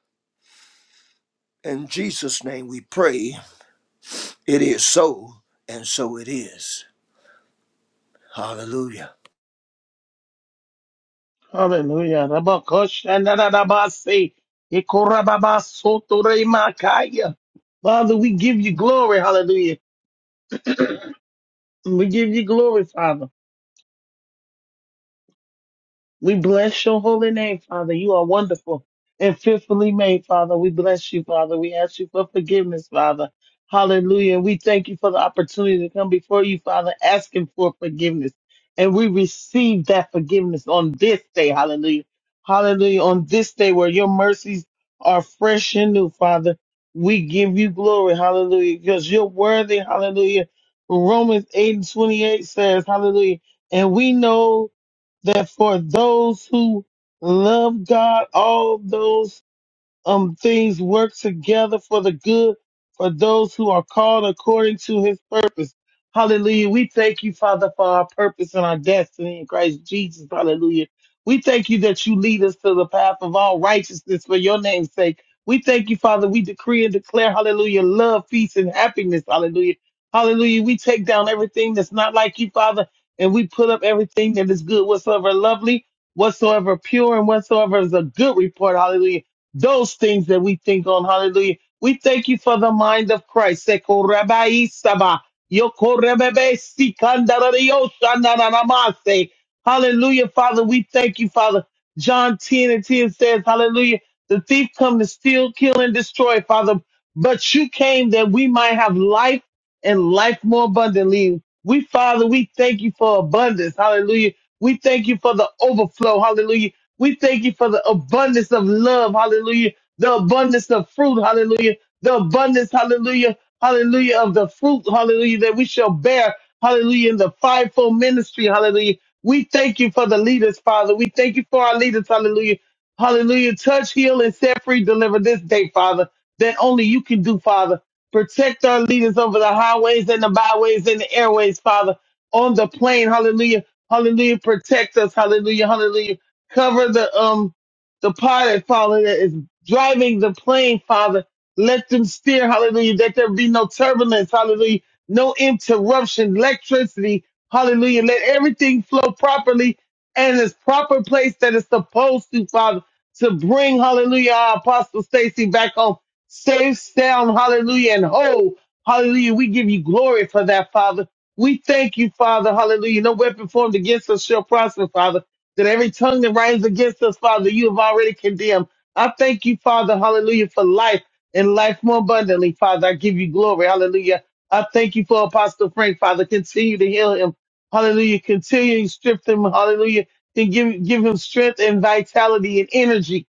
In Jesus' name we pray. It is so, and so it is. Hallelujah. Hallelujah. Rabakosh and Rabasi. Ikorababasotoremakaya. Father, we give you glory. Hallelujah. We give you glory, Father. We bless your holy name, Father. You are wonderful and fearfully made, Father. We bless you, Father. We ask you for forgiveness, Father. Hallelujah. We thank you for the opportunity to come before you, Father, asking for forgiveness. And we receive that forgiveness on this day. Hallelujah. Hallelujah. On this day where your mercies are fresh and new, Father, we give you glory. Hallelujah. Because you're worthy. Hallelujah. Romans 8 and 28 says, Hallelujah. And we know that for those who love God, all those um things work together for the good for those who are called according to his purpose. Hallelujah. We thank you, Father, for our purpose and our destiny in Christ Jesus. Hallelujah. We thank you that you lead us to the path of all righteousness for your name's sake. We thank you, Father. We decree and declare, hallelujah, love, peace, and happiness. Hallelujah. Hallelujah. We take down everything that's not like you, Father, and we put up everything that is good, whatsoever lovely, whatsoever pure, and whatsoever is a good report. Hallelujah those things that we think on. Hallelujah. We thank you for the mind of Christ. Seko rabai saba, yoko rebebe sikandario shananamase. Hallelujah, Father. We thank you, Father. John 10 and 10 says, Hallelujah. The thief come to steal, kill, and destroy, Father. But you came that we might have life and life more abundantly. We, Father, we thank you for abundance. Hallelujah. We thank you for the overflow. Hallelujah. We thank you for the abundance of love, hallelujah, the abundance of fruit, hallelujah, the abundance, hallelujah, hallelujah, of the fruit, hallelujah, that we shall bear, hallelujah, in the fivefold ministry, hallelujah. We thank you for the leaders, Father. We thank you for our leaders, hallelujah, hallelujah. Touch, heal, and set free, deliver this day, Father, that only you can do, Father. Protect our leaders over the highways and the byways and the airways, Father, on the plane, hallelujah, hallelujah. Protect us, hallelujah, hallelujah cover the um the pilot, Father, that is driving the plane, Father. Let them steer, hallelujah, that there be no turbulence, hallelujah, no interruption, electricity, hallelujah. Let everything flow properly and its proper place that it's supposed to, Father, to bring, hallelujah, our Apostle Stacy back home, safe, sound, hallelujah, and whole, hallelujah. We give you glory for that, Father. We thank you, Father, hallelujah. No weapon formed against us shall prosper, Father that every tongue that rises against us, Father, you have already condemned. I thank you, Father, hallelujah, for life and life more abundantly, Father. I give you glory, hallelujah. I thank you for Apostle Frank, Father. Continue to heal him, hallelujah. Continue to strip him, hallelujah. And give, give him strength and vitality and energy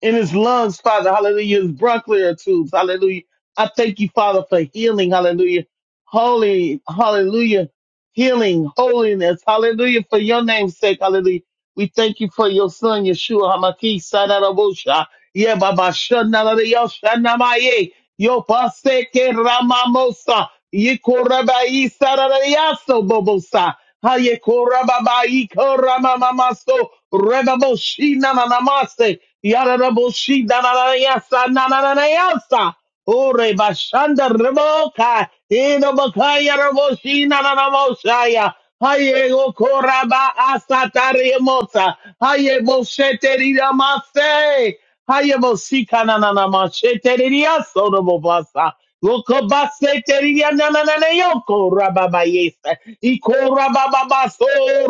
in his lungs, Father, hallelujah. His bronchial tubes, hallelujah. I thank you, Father, for healing, hallelujah. Holy, hallelujah. Healing, holiness, hallelujah, for your name's sake, hallelujah. We thank you for your son, Yeshua Hamaki Sadarabosha. Yeah, Baba Shanarayoshanamaye. Yo Paseke Ramamosa. Yikorabai Sadarayaso Bobosa. Hayekorabai Koramamaso. Rebaboshi Nanamase. Yaraboshi Nanayasa Nanayasa. Ore Bashanda Reboka. Inobakaya Raboshi Nanamoshaya. Hayego koraba asatari emota. Hayebo sheterida mase. Hayebo sikana nana masheteridia sodobo basa. Lokobase teridia nana nana yoko rababa yesa. Iko rababa baso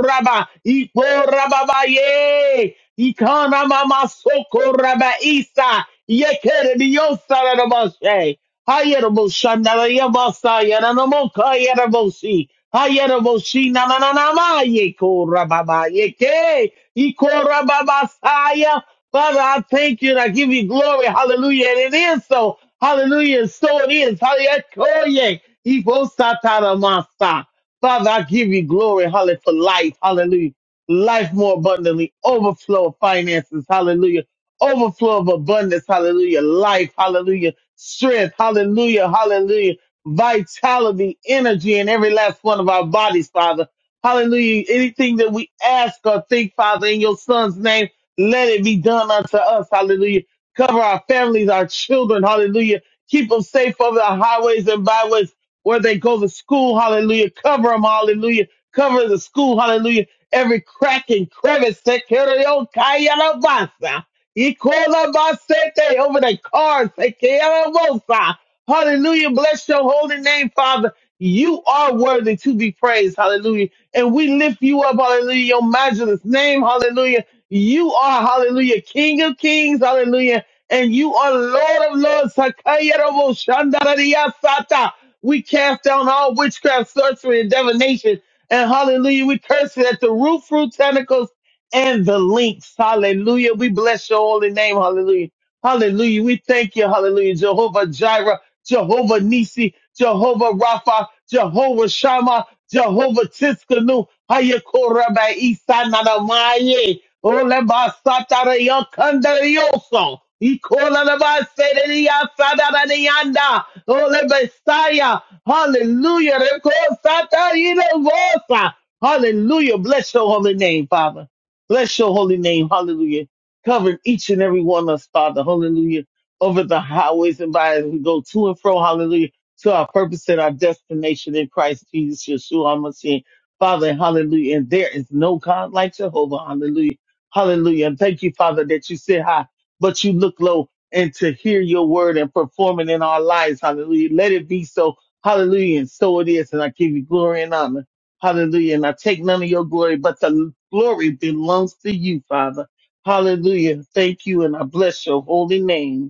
raba. Iko rababa ye. Ikana mama soko raba isa. Yekerediyo sarada mashe. Hayerebo shandara yabasa yanana moka yerabosi. Hayaraboshi na na na na ma ye kora baba ye ke ye kora baba saya. Father, I thank you and I give you glory. Hallelujah. And it is so. Hallelujah. And so it is. Hallelujah. Koye. Ye bosatara masa. Father, I give you glory. Hallelujah. For life. Hallelujah. Life more abundantly. Overflow of finances. Hallelujah. Overflow of abundance. Hallelujah. Life. Hallelujah. Strength. Hallelujah. Hallelujah vitality, energy in every last one of our bodies, Father. Hallelujah. Anything that we ask or think, Father, in your son's name, let it be done unto us. Hallelujah. Cover our families, our children. Hallelujah. Keep them safe over the highways and byways where they go to school. Hallelujah. Cover them. Hallelujah. Cover the school. Hallelujah. Every crack and crevice. Take care of your kayana basa. Equal the basete over the cars. Take care of us. Hallelujah. Bless your holy name, Father. You are worthy to be praised. Hallelujah. And we lift you up. Hallelujah. Your matchless name. Hallelujah. You are, hallelujah, King of kings. Hallelujah. And you are Lord of lords. Sakayerobo shandarariyasata. We cast down all witchcraft, sorcery, and divination. And hallelujah, we curse it at the root, fruit, tentacles, and the links. Hallelujah. We bless your holy name. Hallelujah. Hallelujah. We thank you. Hallelujah. Jehovah Jireh. Jehovah Nisi, Jehovah Rapha, Jehovah Shammah, Jehovah Tiskanu, Hayakoraba Isa Nanamaye, Oleba Satara Yokandarioso, Ikola Leba Sedeya Sadaranianda, Oleba Saya, Hallelujah, Reko Sata Yidovosa. Hallelujah, bless your holy name, Father. Bless your holy name, hallelujah. Cover each and every one of us, Father, hallelujah over the highways and byways. We go to and fro, hallelujah, to our purpose and our destination in Christ Jesus, Yeshua, HaMashiach, Father, hallelujah. And there is no God like Jehovah, hallelujah, hallelujah. And thank you, Father, that you sit high, but you look low, and to hear your word and perform it in our lives, hallelujah. Let it be so, hallelujah. And so it is. And I give you glory and honor, hallelujah. And I take none of your glory, but the glory belongs to you, Father. Hallelujah. Thank you, and I bless your holy name.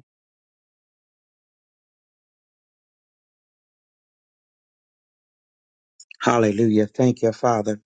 Hallelujah. Thank you, Father.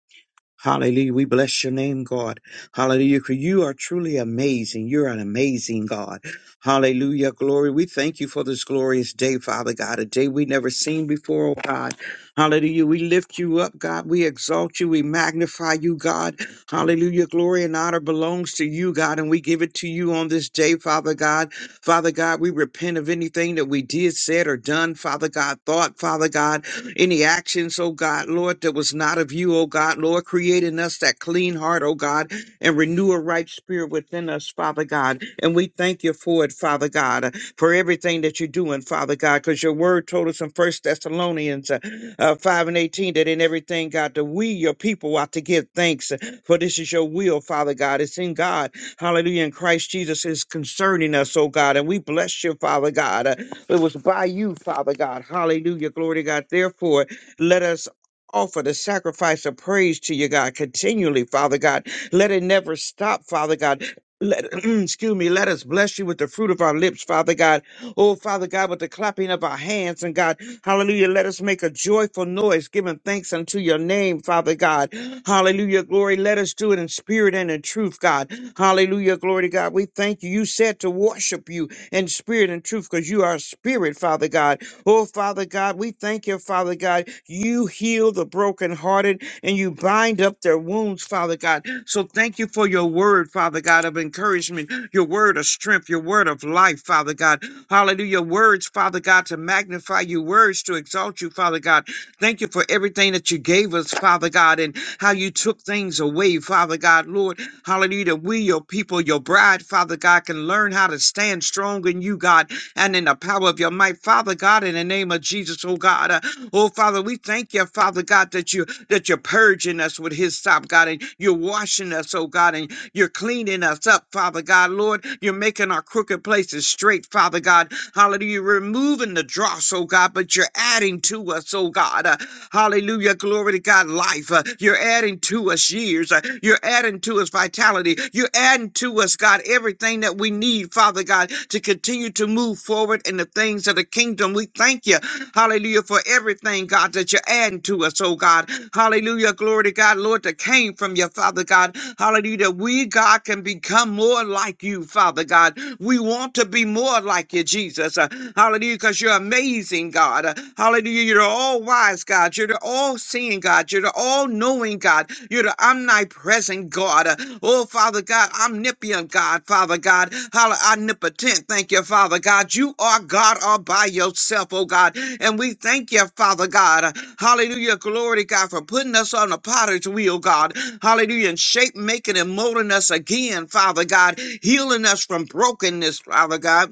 Hallelujah. We bless your name, God. Hallelujah. For you are truly amazing. You're an amazing God. Hallelujah. Glory. We thank you for this glorious day, Father God, a day we never seen before, oh God. Hallelujah. We lift you up, God. We exalt you. We magnify you, God. Hallelujah. Glory and honor belongs to you, God, and we give it to you on this day, Father God. Father God, we repent of anything that we did, said, or done, Father God, thought, Father God. Any actions, oh God, Lord, that was not of you, oh God, Lord, create in us that clean heart, oh God, and renew a right spirit within us, Father God. And we thank you for it, Father God, for everything that you're doing, Father God, because your word told us in First Thessalonians uh, uh, 5 and 18 that in everything, God, that we, your people, ought to give thanks, uh, for this is your will, Father God. It's in God, hallelujah, in Christ Jesus is concerning us, oh God, and we bless you, Father God. It was by you, Father God. Hallelujah. Glory to God. Therefore, let us offer the sacrifice of praise to you, God, continually, Father God. Let it never stop, Father God. Let, [clears throat] excuse me, let us bless you with the fruit of our lips, Father God. Oh, Father God, with the clapping of our hands and God, hallelujah, let us make a joyful noise, giving thanks unto your name, Father God. Hallelujah, glory. Let us do it in spirit and in truth, God. Hallelujah, glory to God. We thank you. You said to worship you in spirit and truth because you are spirit, Father God. Oh, Father God, we thank you, Father God. You heal the brokenhearted and you bind up their wounds, Father God. So thank you for your word, Father God, of encouragement, your word of strength, your word of life, Father God. Hallelujah. Words, Father God, to magnify you, words to exalt you, Father God. Thank you for everything that you gave us, Father God, and how you took things away, Father God, Lord. Hallelujah. That We, your people, your bride, Father God, can learn how to stand strong in you, God, and in the power of your might. Father God, in the name of Jesus, oh God. uh, oh Father, we thank you, Father God, that you that you're purging us with his stop, God, and you're washing us, oh God, and you're cleaning us up, Father God. Lord, you're making our crooked places straight, Father God. Hallelujah. You're removing the dross, oh God, but you're adding to us, oh God. Uh, Hallelujah. Glory to God. Life. Uh, You're adding to us years. Uh, You're adding to us vitality. You're adding to us, God, everything that we need, Father God, to continue to move forward in the things of the kingdom. We thank you. Hallelujah. For everything, God, that you're adding to us, oh God. Hallelujah. Glory to God, Lord, that came from you, Father God. Hallelujah. That we, God, can become more like you, Father God. We want to be more like you, Jesus. Uh, Hallelujah. Because you're amazing pleasing God. Uh, Hallelujah. You're the all wise God. You're the all seeing God. You're the all knowing God. You're the omnipresent God. Uh, Oh, Father God, omnipotent God, Father God. Hallelujah. Omnipotent. Thank you, Father God. You are God all by yourself, oh God. And we thank you, Father God. Uh, Hallelujah. Glory to God for putting us on the potter's wheel, God. Hallelujah. And shape making and molding us again, Father God. Healing us from brokenness, Father God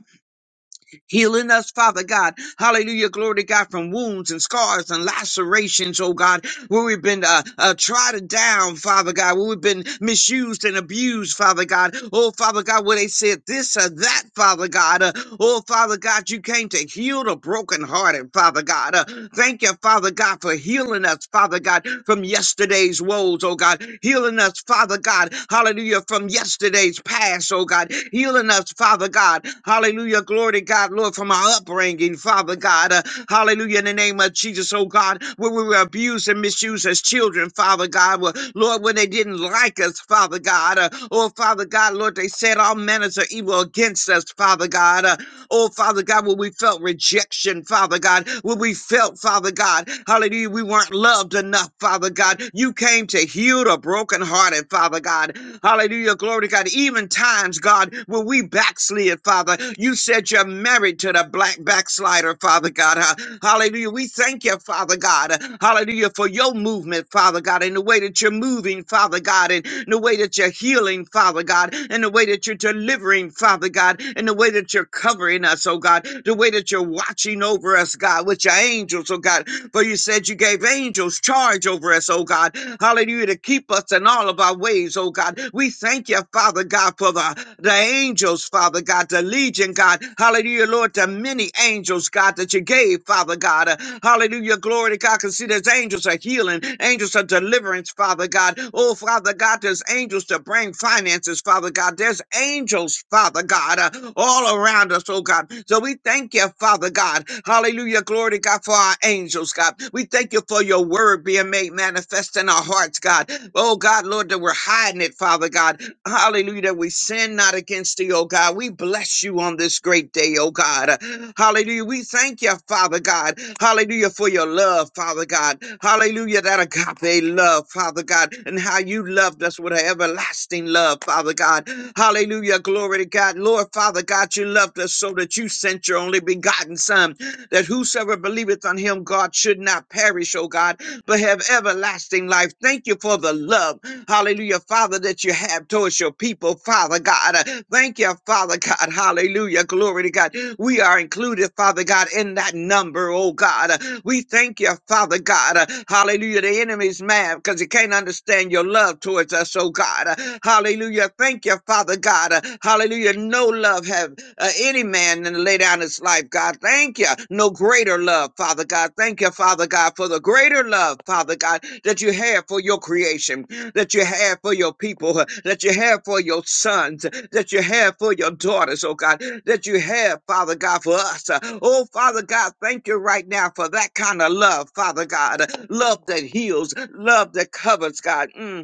Healing us, Father God. Hallelujah. Glory to God from wounds and scars and lacerations, oh God, where we've been uh, uh, trodden down, Father God, where we've been misused and abused, Father God. Oh, Father God, where they said this or that, Father God. Uh, oh, Father God, you came to heal the brokenhearted, Father God. Uh, thank you, Father God, for healing us, Father God, from yesterday's woes, oh God. Healing us, Father God. Hallelujah hallelujah, from yesterday's past, oh God, healing us, Father God, hallelujah, glory to God, Lord, from our upbringing, Father God, uh, hallelujah, in the name of Jesus, oh God, where we were abused and misused as children, Father God, where, Lord, when they didn't like us, Father God, uh, oh Father God, Lord, they said all manners of evil against us, Father God, Uh, Oh, Father God, when we felt rejection, Father God, when we felt, Father God, hallelujah, we weren't loved enough, Father God. You came to heal the brokenhearted, Father God. Hallelujah, glory to God. Even times, God, when we backslid, Father, you said you're married to the black backslider, Father God. huh? Hallelujah. We thank you, Father God. Hallelujah, for your movement, Father God, and the way that you're moving, healing, Father God, and the way that you're healing, Father God, and the way that you're delivering, Father God, and the way that you're covering us, oh God, the way that you're watching over us, God, with your angels, oh God. For you said you gave angels charge over us, oh God. Hallelujah, to keep us in all of our ways, oh God. We thank you, Father God, for the, the angels, Father God, the legion, God. Hallelujah, Lord, the many angels, God, God, that you gave, Father God. Uh, Hallelujah. Glory to God. Because see, there's angels are healing, angels are deliverance, Father God. Oh, Father God, there's angels to bring finances, Father God. There's angels, Father God, uh, all around us, oh God. So we thank you, Father God. Hallelujah. Glory to God for our angels, God. We thank you for your word being made manifest in our hearts, God. Oh, God, Lord, that we're hiding it, Father God. Hallelujah. That we sin not against thee, oh God. We bless you on this great day, oh God. Hallelujah. We thank you, Father God. Hallelujah for your love, Father God. Hallelujah. That agape love, Father God, and how you loved us with an everlasting love, Father God. Hallelujah. Glory to God. Lord, Father God, you loved us so that you sent your only begotten Son that whosoever believeth on him, God, should not perish, oh God, but have everlasting life. Thank you for the love, hallelujah, Father, that you have towards your people, Father God. Uh, Thank you, Father God, hallelujah, glory to God. We are included, Father God, in that number, oh God. Uh, We thank you, Father God, uh, hallelujah. The enemy's mad because he can't understand your love towards us, oh God. Uh, Hallelujah, thank you, Father God, uh, hallelujah. Hallelujah. No love have uh, any man than to lay down his life, God. Thank you. No greater love, Father God. Thank you, Father God, for the greater love, Father God, that you have for your creation, that you have for your people, uh, that you have for your sons, uh, that you have for your daughters, oh God, that you have, Father God, for us. Uh, Oh, Father God, thank you right now for that kind of love, Father God. uh, Love that heals, love that covers, God. Mm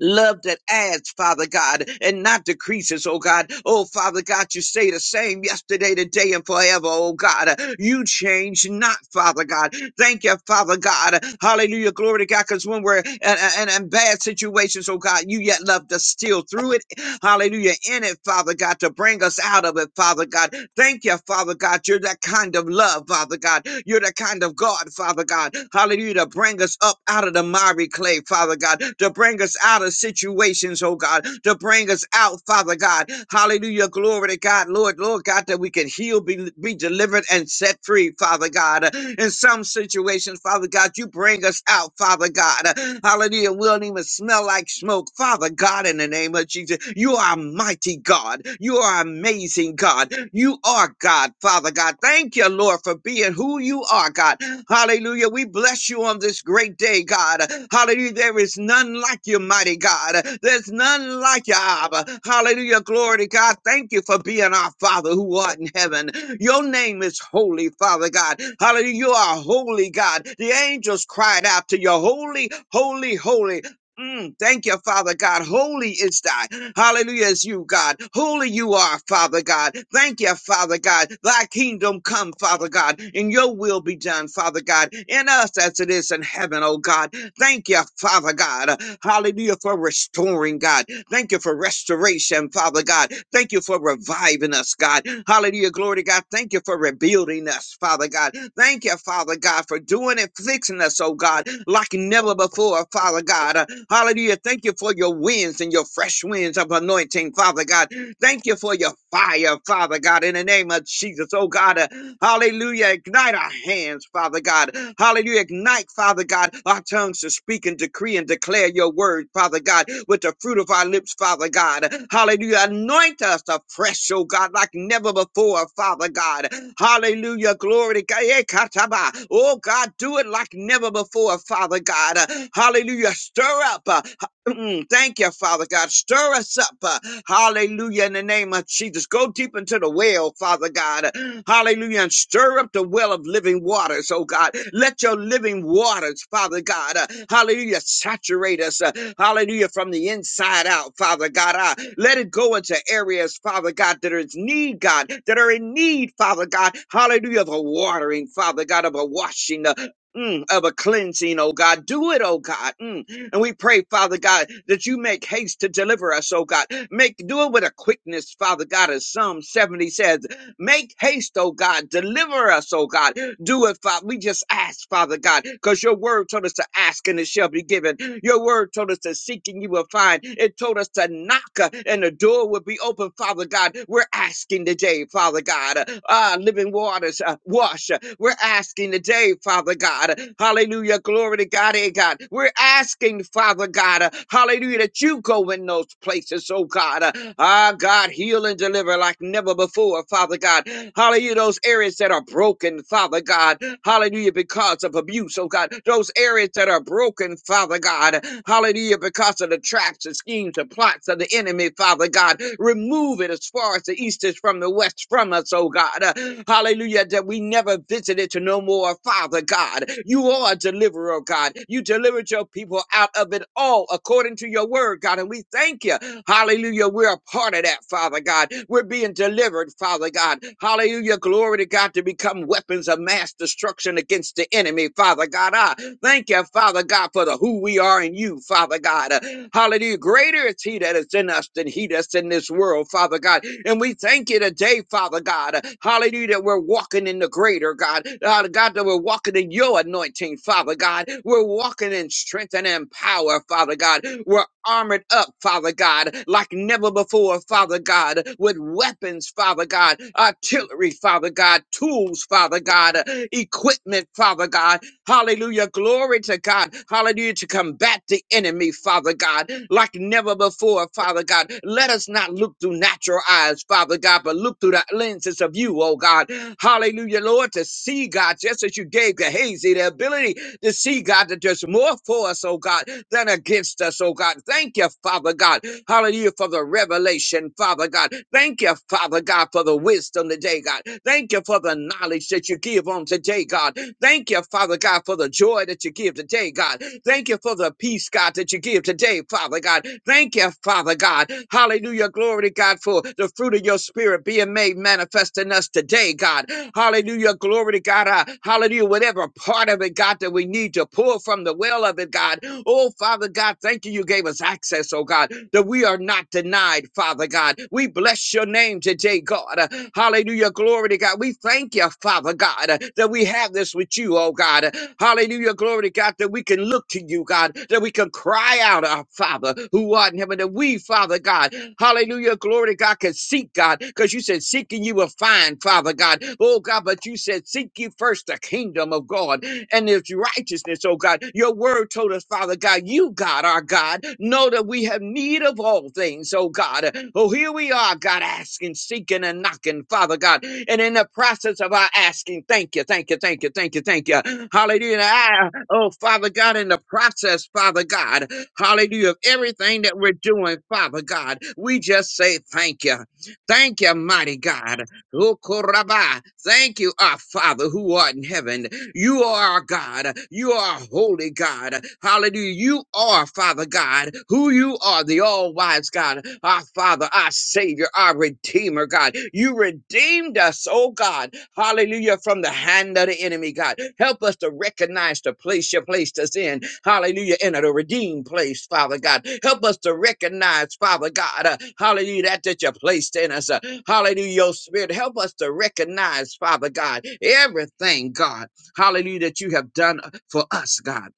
love that adds, Father God, and not decreases, oh God. Oh, Father God, you stay the same yesterday, today, and forever, oh God. You change not, Father God. Thank you, Father God. Hallelujah. Glory to God. Because when we're in, in, in bad situations, oh God, you yet loved us still through it hallelujah, in it, Father God, to bring us out of it, Father God. Thank you, Father God. You're that kind of love, Father God. You're that kind of God, Father God, hallelujah, to bring us up out of the miry clay, Father God, to bring us out of situations, oh God, to bring us out, Father God, hallelujah, glory to God, Lord, Lord God, that we can heal, be, be delivered, and set free, Father God. In some situations, Father God, you bring us out, Father God, hallelujah, we don't even smell like smoke, Father. Father God, in the name of Jesus, you are mighty God. You are amazing God. You are God, Father God. Thank you, Lord, for being who you are, God. Hallelujah. We bless you on this great day, God. Hallelujah. There is none like you, mighty God. There's none like you, Abba. Hallelujah. Glory to God. Thank you for being our Father who art in heaven. Your name is holy, Father God. Hallelujah. You are holy, God. The angels cried out to you, holy, holy, holy. Mm, thank you, Father God. Holy is thy. Hallelujah is you, God. Holy you are, Father God. Thank you, Father God. Thy kingdom come, Father God, and your will be done, Father God, in us as it is in heaven, oh God. Thank you, Father God. Hallelujah for restoring, God. Thank you for restoration, Father God. Thank you for reviving us, God. Hallelujah, glory to God. Thank you for rebuilding us, Father God. Thank you, Father God, for doing and fixing us, oh God, like never before, Father God. Uh, Hallelujah. Thank you for your winds and your fresh winds of anointing, Father God. Thank you for your fire, Father God, in the name of of Jesus. Oh God, uh, hallelujah. Ignite our hands, Father God. Hallelujah. Ignite, Father God, our tongues to speak and decree and declare your word, Father God, with the fruit of our lips, Father God. Hallelujah. Anoint us afresh, oh God, like never before, Father God. Hallelujah. Glory to God. Eh, kataba. Oh God, do it like never before, Father God. Hallelujah. Stir up. uh, Mm, thank you, Father God. Stir us up. uh, hallelujah. In the name of Jesus. Go deep into the well, Father God. Hallelujah. And stir up the well of living waters, oh God. Let your living waters, Father God. uh, hallelujah. Saturate us. uh, hallelujah. From the inside out, Father God. Uh, let it go into areas, Father God, that are in need, God, that are in need, Father God. Hallelujah. Of a watering, Father God, of a washing, uh, mm, of a cleansing, oh God. Do it, oh God. Mm. And we pray, Father God, that you make haste to deliver us, oh God. Make do it with a quickness, Father God, as Psalm 70 says. Make haste, oh God, deliver us, oh God. Do it, Father. We just ask, Father God, because your word told us to ask and it shall be given. Your word told us to seek and you will find. It told us to knock uh, and the door will be open, Father God. We're asking today, Father God. uh, Ah, living waters, uh, wash. uh, We're asking today, Father God. uh, Hallelujah. Glory to God, eh, God. We're asking, Father God, uh, hallelujah, that you go in those places places, oh God. Uh, Ah, God, heal and deliver like never before, Father God. Hallelujah. Those areas that are broken, Father God. Hallelujah. Because of abuse, oh God. Those areas that are broken, Father God. Hallelujah. Because of the traps and schemes and plots of the enemy, Father God. Remove it as far as the east is from the west from us, oh God. Uh, Hallelujah. That we never visited to no more, Father God. You are a deliverer, oh God. You delivered your people out of it all according to your word, God. And we thank you. Hallelujah. We're a part of that, Father God. We're being delivered, Father God. Hallelujah. Glory to God to become weapons of mass destruction against the enemy, Father God. I thank you, Father God, for the who we are in you, Father God. Uh, Hallelujah. Greater is he that is in us than he that need us in this world, Father God. And we thank you today, Father God. Hallelujah, that we're walking in the greater, God. Uh, God, that we're walking in your anointing, Father God. We're walking in strength and in power, Father God. We're armored up, Father God, like never before, Father God, with weapons, Father God, artillery, Father God, tools, Father God, equipment, Father God, Hallelujah. Glory to God. Hallelujah. To combat the enemy, Father God, like never before, Father God. Let us not look through natural eyes, Father God, but look through the lenses of you, oh God. Hallelujah, Lord, to see God, just as you gave Gehazi the ability to see, God, that there's more for us, oh God, than against us, oh God. Thank you, Father God. Hallelujah for the revelation, Father God. Thank you, Father God, for the wisdom today, God. Thank you for the knowledge that you give on today, God. Thank you, Father God, for the joy that you give today, God. Thank you for the peace, God, that you give today, Father God. Thank you, Father God. Hallelujah. Glory to God for the fruit of your spirit being made manifest in us today, God. God. Hallelujah. Glory to God. Uh, hallelujah. Whatever part of it, God, that we need to pull from the well of it, God. Oh, Father God, thank you. You gave us access, oh God, that we are not denied, Father God. We bless your name today, God. Uh, hallelujah. Glory to God. We thank you, Father God, uh, that we have this with you, oh God. Uh, Hallelujah. Glory to God that we can look to you, God, that we can cry out, our Father who art in heaven, that we, Father God, hallelujah. Hallelujah. glory to God, Can seek God, because you said, seeking you will find, Father God. Oh God, but you said, seek you first the kingdom of God and his righteousness, oh God. Your word told us, Father God, you, God, our God, know that we have need of all things, oh God. Oh, here we are, God, asking, seeking, and knocking, Father God. And in the process of our asking, thank you, thank you, thank you, thank you, thank you. Hallelujah. And I- Oh, Father God, in the process, Father God hallelujah, of everything that we're doing, Father God. We just say thank you. Thank you, mighty God. Ukuraba. Thank you, our Father who art in heaven. You are our God. You are a holy God. Hallelujah. You are, Father God, who you are, the all wise God, our Father, our Savior, our Redeemer, God. You redeemed us, oh God. Hallelujah. From the hand of the enemy, God. Help us to recognize the place you placed us in. Hallelujah. In a redeemed place, Father God. Help us to recognize, Father God, uh, hallelujah, that that you placed in us. uh, hallelujah, your spirit. Help us to recognize, Father God, everything, God. Hallelujah, that you have done for us, God.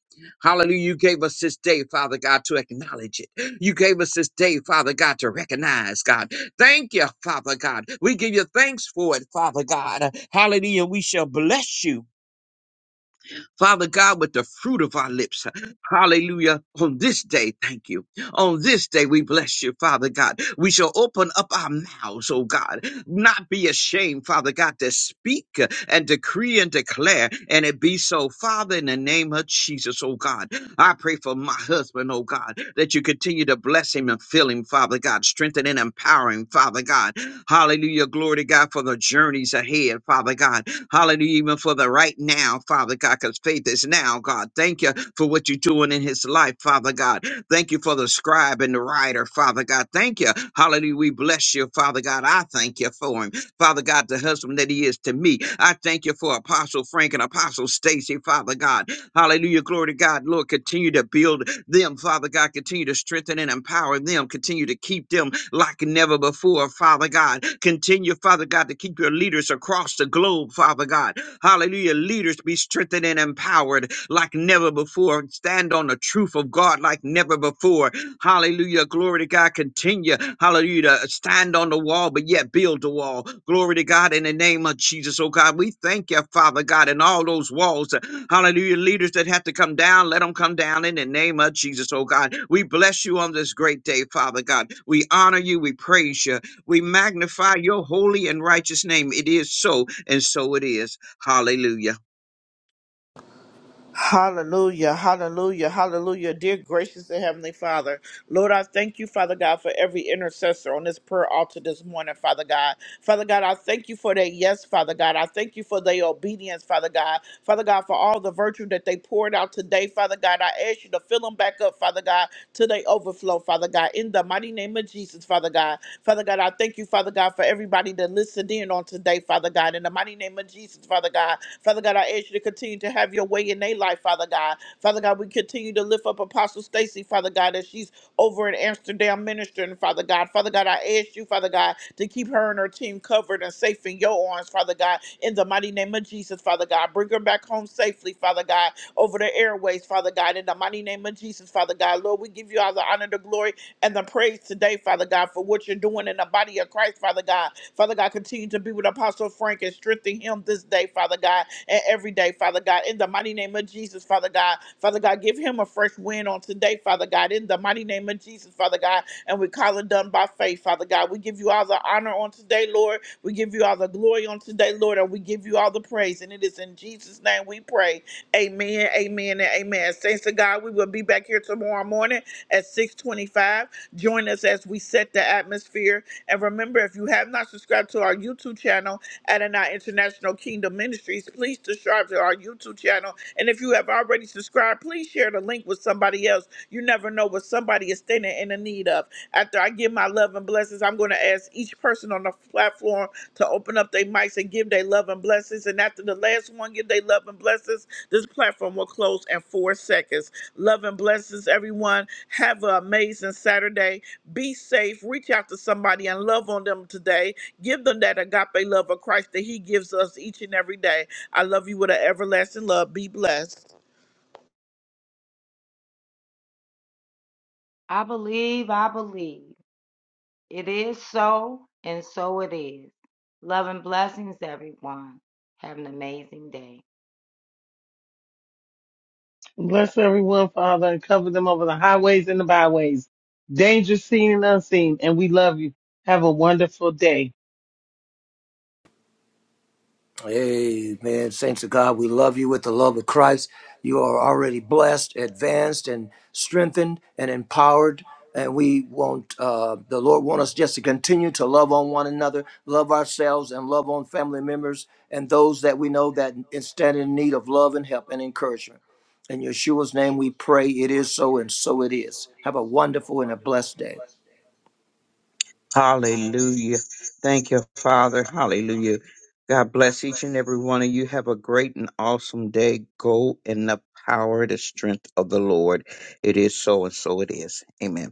Hallelujah. You gave us this day, Father God, to acknowledge it. You gave us this day, Father God, to recognize, God. Thank you, Father God. We give you thanks for it, Father God. Hallelujah. We shall bless you. Father God, with the fruit of our lips. Hallelujah. On this day, thank you. On this day, we bless you, Father God. We shall open up our mouths, oh God, not be ashamed, Father God, to speak and decree and declare, and it be so. Father, in the name of Jesus, oh God, I pray for my husband, oh God, that you continue to bless him and fill him, Father God, strengthen and empower him, Father God. Hallelujah. Glory to God for the journeys ahead, Father God. Hallelujah. Even for the right now, Father God, because faith is now, God. Thank you for what you're doing in his life, Father God. Thank you for the scribe and the writer, Father God. Thank you. Hallelujah. We bless you, Father God. I thank you for him. Father God, the husband that he is to me. I thank you for Apostle Frank and Apostle Stacy, Father God. Hallelujah. Glory to God. Lord, continue to build them, Father God. Continue to strengthen and empower them. Continue to keep them like never before, Father God. Continue, Father God, to keep your leaders across the globe, Father God. Hallelujah. Leaders be strengthened and empowered like never before. Stand on the truth of God like never before. Hallelujah. Glory to God. Continue. Hallelujah. To stand on the wall, but yet build the wall. Glory to God in the name of Jesus. Oh God, we thank you, Father God, and all those walls. Hallelujah. Leaders that have to come down, let them come down in the name of Jesus. Oh God, we bless you on this great day, Father God. We honor you. We praise you. We magnify your holy and righteous name. It is so, and so it is. Hallelujah. Hallelujah, hallelujah, hallelujah. Dear gracious and heavenly Father, Lord, I thank you, Father God, for every intercessor on this prayer altar this morning, Father God. Father God, I thank you for their yes, Father God. I thank you for their obedience, Father God. Father God, for all the virtue that they poured out today, Father God. I ask you to fill them back up, Father God, till they overflow, Father God. In the mighty name of Jesus, Father God. Father God, I thank you, Father God, for everybody that listened in on today, Father God. In the mighty name of Jesus, Father God. Father God, I ask you to continue to have your way in their life, Father God. Father God, we continue to lift up Apostle Stacy, Father God, as she's over in Amsterdam ministering, Father God. Father God, I ask you, Father God, to keep her and her team covered and safe in your arms, Father God, in the mighty name of Jesus, Father God. Bring her back home safely, Father God, over the airways, Father God, in the mighty name of Jesus, Father God. Lord, we give you all the honor, the glory, and the praise today, Father God, for what you're doing in the body of Christ, Father God. Father God, continue to be with Apostle Frank and strengthen him this day, Father God, and every day, Father God. In the mighty name of Jesus, Father God. Father God, give him a fresh win on today, Father God. In the mighty name of Jesus, Father God. And we call it done by faith, Father God. We give you all the honor on today, Lord. We give you all the glory on today, Lord, and we give you all the praise. And it is in Jesus' name we pray. Amen, amen, and amen. Thanks to God, we will be back here tomorrow morning at 625. Join us as we set the atmosphere. And remember, if you have not subscribed to our YouTube channel, Adonai International Kingdom Ministries, please subscribe to our YouTube channel. And if you have already subscribed, please share the link with somebody else. You never know what somebody is standing in the need of. After I give my love and blessings, I'm going to ask each person on the platform to open open up their mics and give their love and blessings. And after the last one give their love and blessings, this platform will close in four seconds. Love and blessings, everyone. Have an amazing Saturday. Be safe. Reach out to somebody and love on them today. Give them that agape love of Christ that He gives us each and every day. I love you with an everlasting love. Be blessed. I believe, I believe. It is so, and so it is. Love and blessings, everyone. Have an amazing day. Bless everyone, Father, and cover them over the highways and the byways, dangerous seen and unseen. And we love you. Have a wonderful day. Amen. Saints of God, we love you with the love of Christ. You are already blessed, advanced, and strengthened and empowered. And we want uh, the Lord want us just to continue to love on one another, love ourselves, and love on family members and those that we know that is standing in need of love and help and encouragement. In Yeshua's name, we pray. It is so, and so it is. Have a wonderful and a blessed day. Hallelujah. Thank you, Father. Hallelujah. God bless each and every one of you. Have a great and awesome day. Go in the power, the strength of the Lord. It is so and so it is. Amen.